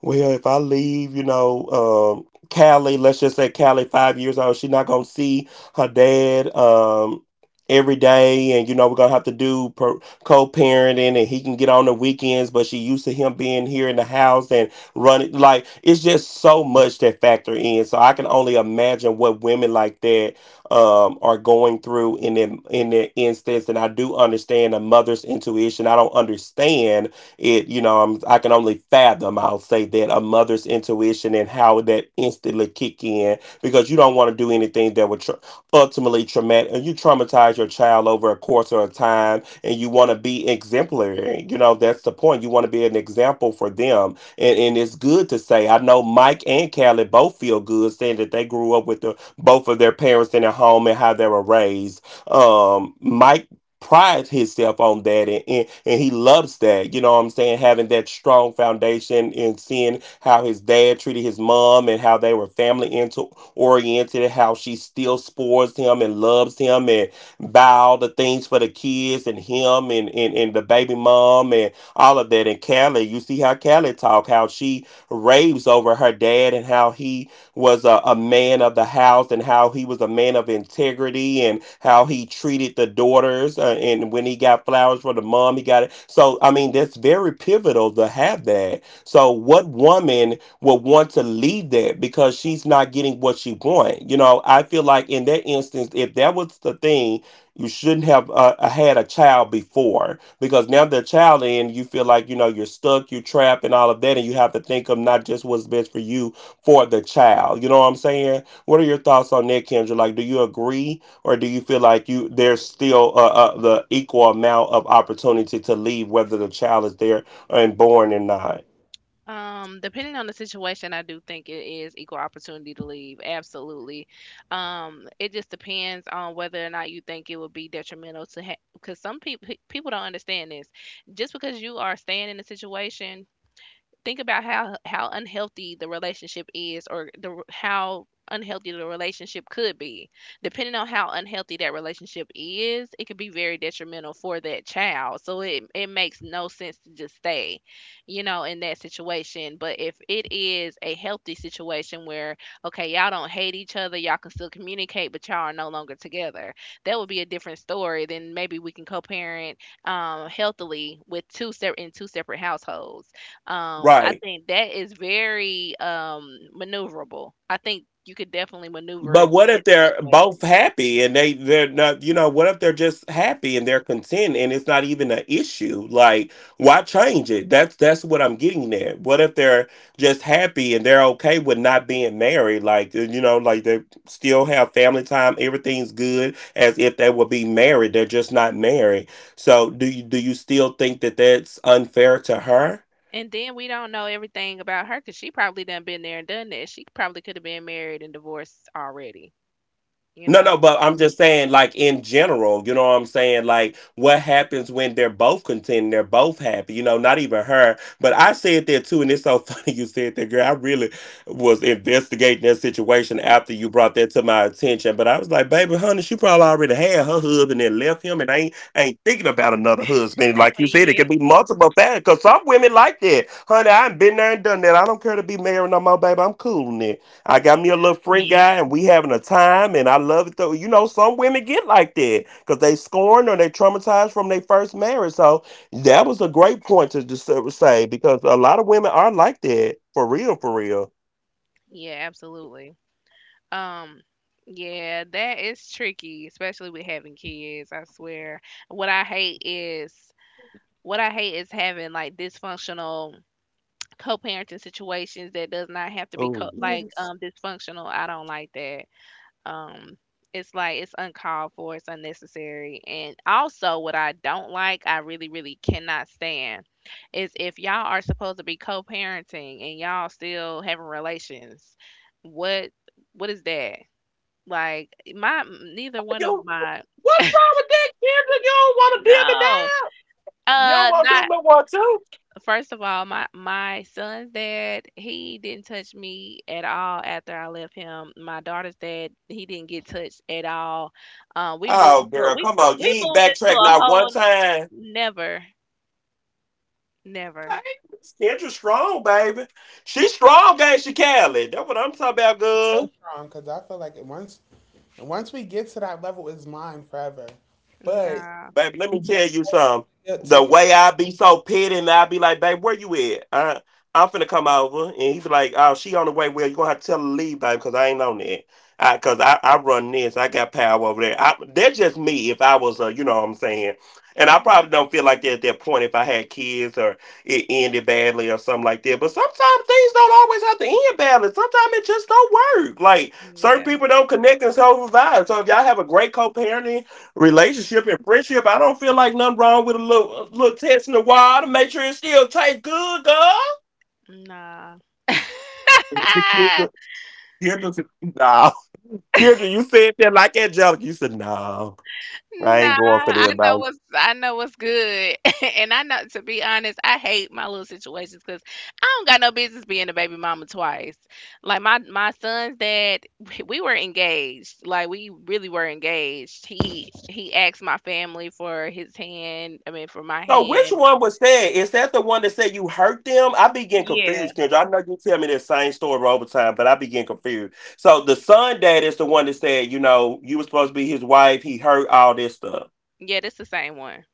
[SPEAKER 1] well, if I leave, you know, um, Callie, let's just say Callie, five years old, she's not gonna see her dad um, every day, and you know we're gonna have to do per- co-parenting, and he can get on the weekends, but she used to him being here in the house and running. Like it's just so much that factor in. So I can only imagine what women like that um, are going through in that in that instance, and I do understand a mother's intuition. I don't understand it, you know. I'm, I can only fathom, I'll say that, a mother's intuition and how that instantly kick in, because you don't want to do anything that would tra- ultimately traumatic and you traumatize your child over a course or a time, and you want to be exemplary. You know, that's the point. You want to be an example for them, and, and it's good to say I know Mike and Callie both feel good saying that they grew up with the both of their parents in their home and how they were raised. um Mike prides himself on that, and, and and he loves that, you know what I'm saying, having that strong foundation and seeing how his dad treated his mom and how they were family into oriented and how she still spoils him and loves him and buy all the things for the kids and him and, and and the baby mom and all of that. And Callie, you see how Callie talk, how she raves over her dad and how he was a, a man of the house and how he was a man of integrity and how he treated the daughters. Uh, and when he got flowers for the mom, he got it. So, I mean, that's very pivotal to have that. So, what woman would want to leave that because she's not getting what she wants? You know, I feel like in that instance, if that was the thing, you shouldn't have uh, uh, had a child before, because now the child in, you feel like, you know, you're stuck, you're trapped and all of that, and you have to think of not just what's best for you, for the child. You know what I'm saying? What are your thoughts on that, Kendra? Like, do you agree, or do you feel like you there's still uh, uh, the equal amount of opportunity to leave, whether the child is there and born or not?
[SPEAKER 3] Um, depending on the situation, I do think it is equal opportunity to leave. Absolutely. Um, it just depends on whether or not you think it would be detrimental to have, because some people people don't understand this. Just because you are staying in a situation, think about how how unhealthy the relationship is, or the how unhealthy the relationship could be. Depending on how unhealthy that relationship is, it could be very detrimental for that child. So it, it makes no sense to just stay, you know, in that situation. But if it is a healthy situation where okay, y'all don't hate each other, y'all can still communicate but y'all are no longer together, that would be a different story. Then maybe we can co-parent, um, healthily with two separate in two separate households. um, I
[SPEAKER 1] Right.
[SPEAKER 3] think that is very um maneuverable. I think you could definitely maneuver
[SPEAKER 1] But what
[SPEAKER 3] that
[SPEAKER 1] if they're both
[SPEAKER 3] situation.
[SPEAKER 1] happy and they they're not, you know, what if they're just happy and they're content and it's not even an issue, like why change it? that's that's what I'm getting there. What if they're just happy and they're okay with not being married, like uh, you know, like they still have family time, everything's good as if they would be married, they're just not married. So do you do you still think that that's unfair to her?
[SPEAKER 3] And then we don't know everything about her because she probably done been there and done that. She probably could have been married and divorced already, you
[SPEAKER 1] No, no,
[SPEAKER 3] know?
[SPEAKER 1] but I'm just saying, like in general, you know what I'm saying? Like, what happens when they're both content, they're both happy, you know, not even her. But I said that too, and it's so funny you said that, girl. I really was investigating that situation after you brought that to my attention. But I was like, baby, honey, she probably already had her husband and left him and ain't ain't thinking about another husband. Like you said, it could be
[SPEAKER 3] Yeah.
[SPEAKER 1] multiple factors, because some women like that. Honey, I ain't been there and done that. I don't care to be married no more, baby. I'm cool now. I got me
[SPEAKER 3] Yeah.
[SPEAKER 1] a little friend guy, and we having a time, and I love it though. You know, some women get like that because they scorned or they traumatized from their first marriage. So that
[SPEAKER 3] Mhm.
[SPEAKER 1] was a great point to just sort say, because a lot of women are like that for real, for real.
[SPEAKER 3] Yeah, absolutely. Um, yeah, that is tricky, especially with having kids, I swear. What I hate is what I hate is having like dysfunctional co-parenting situations that does not have to be
[SPEAKER 1] Oh
[SPEAKER 3] co- like
[SPEAKER 1] yes.
[SPEAKER 3] um dysfunctional. I don't like that. Um it's like it's uncalled for, it's unnecessary. And also what I don't like, I really really cannot stand is if y'all are supposed to be co-parenting and y'all still having relations. What what is that? Like my neither one of
[SPEAKER 1] You,
[SPEAKER 3] my
[SPEAKER 1] what's wrong with that, Kendra? You don't want to dim it
[SPEAKER 3] No.
[SPEAKER 1] down. You don't
[SPEAKER 3] Uh
[SPEAKER 1] want to do it
[SPEAKER 3] not
[SPEAKER 1] no more too.
[SPEAKER 3] first of all, my my son's dad, he didn't touch me at all after I left him. My daughter's dad, he didn't get touched at all. Um, we moved
[SPEAKER 1] Oh,
[SPEAKER 3] into a,
[SPEAKER 1] girl,
[SPEAKER 3] we
[SPEAKER 1] come
[SPEAKER 3] took,
[SPEAKER 1] on. You
[SPEAKER 3] we
[SPEAKER 1] ain't
[SPEAKER 3] moved into
[SPEAKER 1] backtrack
[SPEAKER 3] a
[SPEAKER 1] not one
[SPEAKER 3] whole
[SPEAKER 1] time.
[SPEAKER 3] never,
[SPEAKER 1] Okay.
[SPEAKER 3] never,
[SPEAKER 1] Kendra's strong, baby. She's strong, ain't she, Callie? That's what I'm talking about,
[SPEAKER 2] She's so
[SPEAKER 1] girl.
[SPEAKER 2] strong because I feel like it once once we get to that level, it's mine forever. But
[SPEAKER 3] nah,
[SPEAKER 1] Babe, let
[SPEAKER 2] you
[SPEAKER 1] me tell
[SPEAKER 2] just
[SPEAKER 1] you something.
[SPEAKER 2] to
[SPEAKER 1] The
[SPEAKER 2] your, to
[SPEAKER 1] way I be so petty and I be like, babe, where you at? I, I'm finna come over. And he's like, oh, she on the way. Well, you going to have to tell her to leave, babe, because I ain't on that. I, cause I, I run this, I got power over there. I, that's just me. If I was, uh, you know what I'm saying, and I probably
[SPEAKER 3] mm,
[SPEAKER 1] don't feel like that at that point. If I had kids or it ended badly or something like that, but sometimes things don't always have to end badly. Sometimes it just don't work. Like certain
[SPEAKER 3] yeah,
[SPEAKER 1] people don't connect and so vibe. So if y'all have a great co-parenting relationship and friendship, I don't feel like nothing wrong with a little, a little test in the water. Make sure it's still taste good, girl.
[SPEAKER 3] nah.
[SPEAKER 1] Kendra, Kendra, said, no. Kendra, you said that like that joke. You said, no, I ain't
[SPEAKER 3] Nah,
[SPEAKER 1] going for
[SPEAKER 3] I
[SPEAKER 1] that,
[SPEAKER 3] know
[SPEAKER 1] bro.
[SPEAKER 3] what's I know what's good, and I know, to be honest, I hate my little situations because I don't got no business being a baby mama twice. Like my my son's dad, we were engaged. Like we really were engaged. He he asked my family for his hand. I mean, for my
[SPEAKER 1] So which
[SPEAKER 3] hand.
[SPEAKER 1] one was that? Is that the one that said you hurt them? I be getting
[SPEAKER 3] Yeah,
[SPEAKER 1] confused, Kendra. I know you tell me that same story over time, but I be getting confused. So the son dad is the one that said, you know, you were supposed to be his wife. He hurt all this stuff.
[SPEAKER 3] yeah, that's the same one.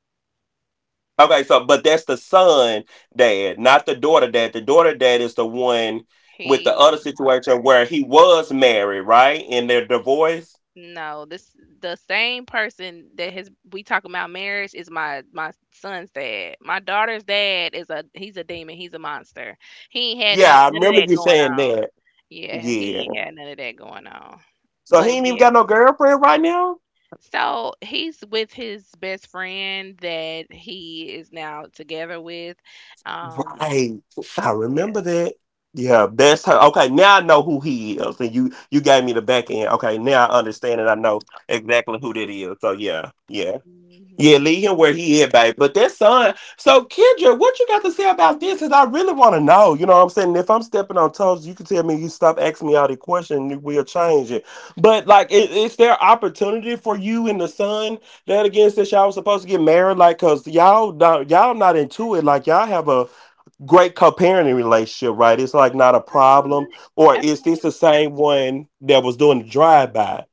[SPEAKER 1] Okay, so but that's the son dad, not the daughter dad. The daughter dad is the one with the
[SPEAKER 3] He
[SPEAKER 1] other
[SPEAKER 3] is a monster.
[SPEAKER 1] situation where he was married, right? And they're divorced.
[SPEAKER 3] No, this The same person that his we talking about marriage is my my son's dad. My daughter's dad is a he's a demon. He's a monster. He ain't had none
[SPEAKER 1] Yeah, I
[SPEAKER 3] none of
[SPEAKER 1] remember
[SPEAKER 3] that
[SPEAKER 1] you
[SPEAKER 3] going
[SPEAKER 1] saying
[SPEAKER 3] on.
[SPEAKER 1] that.
[SPEAKER 3] Yeah,
[SPEAKER 1] Yeah.
[SPEAKER 3] he ain't had none of that going on.
[SPEAKER 1] So he
[SPEAKER 3] But
[SPEAKER 1] ain't even
[SPEAKER 3] yeah,
[SPEAKER 1] got no girlfriend right now.
[SPEAKER 3] so he's with his best friend that he is now together with. Um,
[SPEAKER 1] Right. I
[SPEAKER 3] yeah.
[SPEAKER 1] remember that. Yeah, that's her. Okay, now I know who he is. And you you gave me the back end. Okay, now I understand and I know exactly who that is. So yeah, yeah. Yeah,
[SPEAKER 3] Hmm.
[SPEAKER 1] leave him where he is, babe. But that son, so Kendra, what you got to say about this? Cause I really want to know. You know what I'm saying? If I'm stepping on toes, you can tell me you stop asking me all the questions, and we'll change it. But like, is, is there opportunity for you and the son that again, since y'all was supposed to get married? Like, cause all don't, y'all not into it. Like, y'all have a great co-parenting relationship, right? It's like not a problem. Or is this the same one that was doing the drive-by?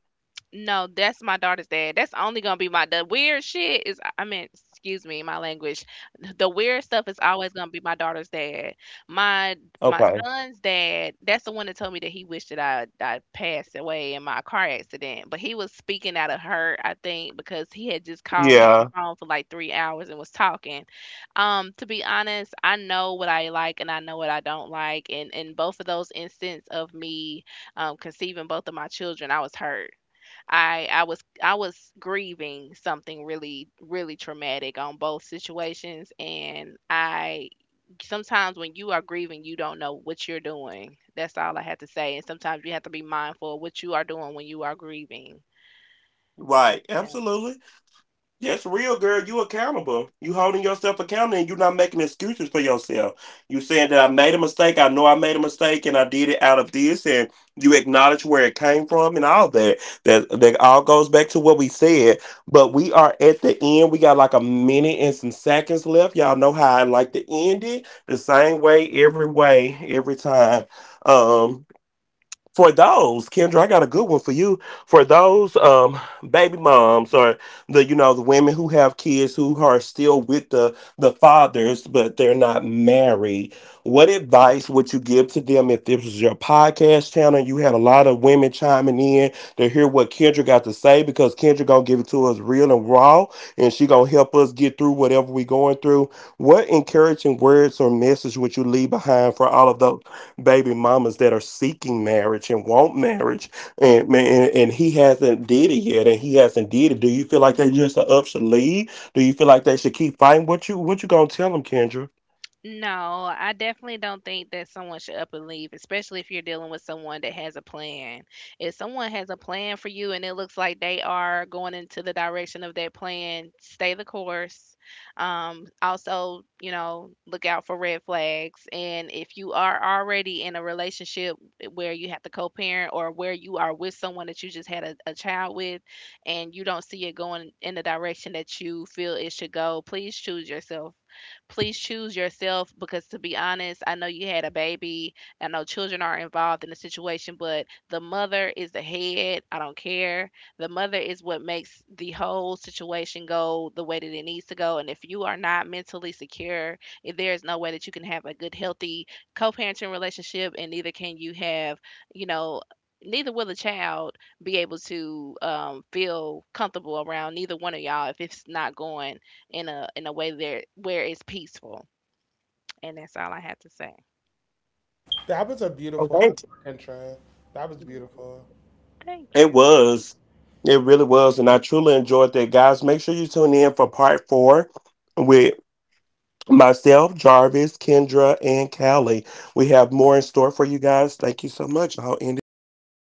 [SPEAKER 3] No, that's my daughter's dad. That's only gonna be my the weird shit is, I mean, excuse me, my language. The weird stuff is always gonna be my daughter's dad. My my
[SPEAKER 1] Okay.
[SPEAKER 3] son's dad, that's the one that told me that he wished that I I passed away in my car accident. But he was speaking out of hurt, I think, because he had just called me on the
[SPEAKER 1] Yeah.
[SPEAKER 3] phone for like three hours and was talking. Um, to be honest, I know what I like and I know what I don't like. And in both of those instances of me um, conceiving both of my children, I was hurt. I I was I was grieving something really really traumatic on both situations. And I sometimes when you are grieving, you don't know what you're doing. That's all I had to say. And sometimes you have to be mindful of what you are doing when you are grieving.
[SPEAKER 1] Right. Absolutely. That's real, girl. You accountable. You holding yourself accountable and you're not making excuses for yourself. You saying that I made a mistake. I know I made a mistake and I did it out of this, and you acknowledge where it came from and all that. That that all goes back to what we said. But we are at the end. We got like a minute and some seconds left. Y'all know how I like to end it. The same way, every way, every time. Um for those, Kendra, I got a good one for you. For those um baby moms or the you know the women who have kids who are still with the the fathers but they're not married, what advice would you give to them if this was your podcast channel? You had a lot of women chiming in to hear what Kendra got to say, because Kendra gonna give it to us real and raw, and she gonna help us get through whatever we going through. What encouraging words or message would you leave behind for all of those baby mamas that are seeking marriage and want marriage, and man, and he hasn't did it yet, and he hasn't did it? Do you feel like they just are up, should leave? Do you feel like they should keep fighting? What you, what you gonna tell them, Kendra?
[SPEAKER 3] No, I definitely don't think that someone should up and leave, especially if you're dealing with someone that has a plan. If someone has a plan for you and it looks like they are going into the direction of that plan, stay the course. Um, also, you know, look out for red flags. And if you are already in a relationship where you have to co-parent, or where you are with someone that you just had a, a child with, and you don't see it going in the direction that you feel it should go, please choose yourself. Please choose yourself. Because to be honest, I know you had a baby. I know children are involved in the situation, but the mother is the head. I don't care. The mother is what makes the whole situation go the way that it needs to go. And if you are not mentally secure, if there is no way that you can have a good, healthy co-parenting relationship, and neither can you have, you know, neither will the child be able to um, feel comfortable around neither one of y'all if it's not going in a in a way there where it's peaceful. And that's all I have to say.
[SPEAKER 2] that was a beautiful
[SPEAKER 1] Okay.
[SPEAKER 2] African trip. That was beautiful.
[SPEAKER 3] Thank
[SPEAKER 1] It
[SPEAKER 3] you.
[SPEAKER 1] was, it really was, and I truly enjoyed that. Guys, make sure you tune in for part four with myself, Jarvis, Kendra, and Callie. We have more in store for you guys. Thank you so much. I'll end it from here.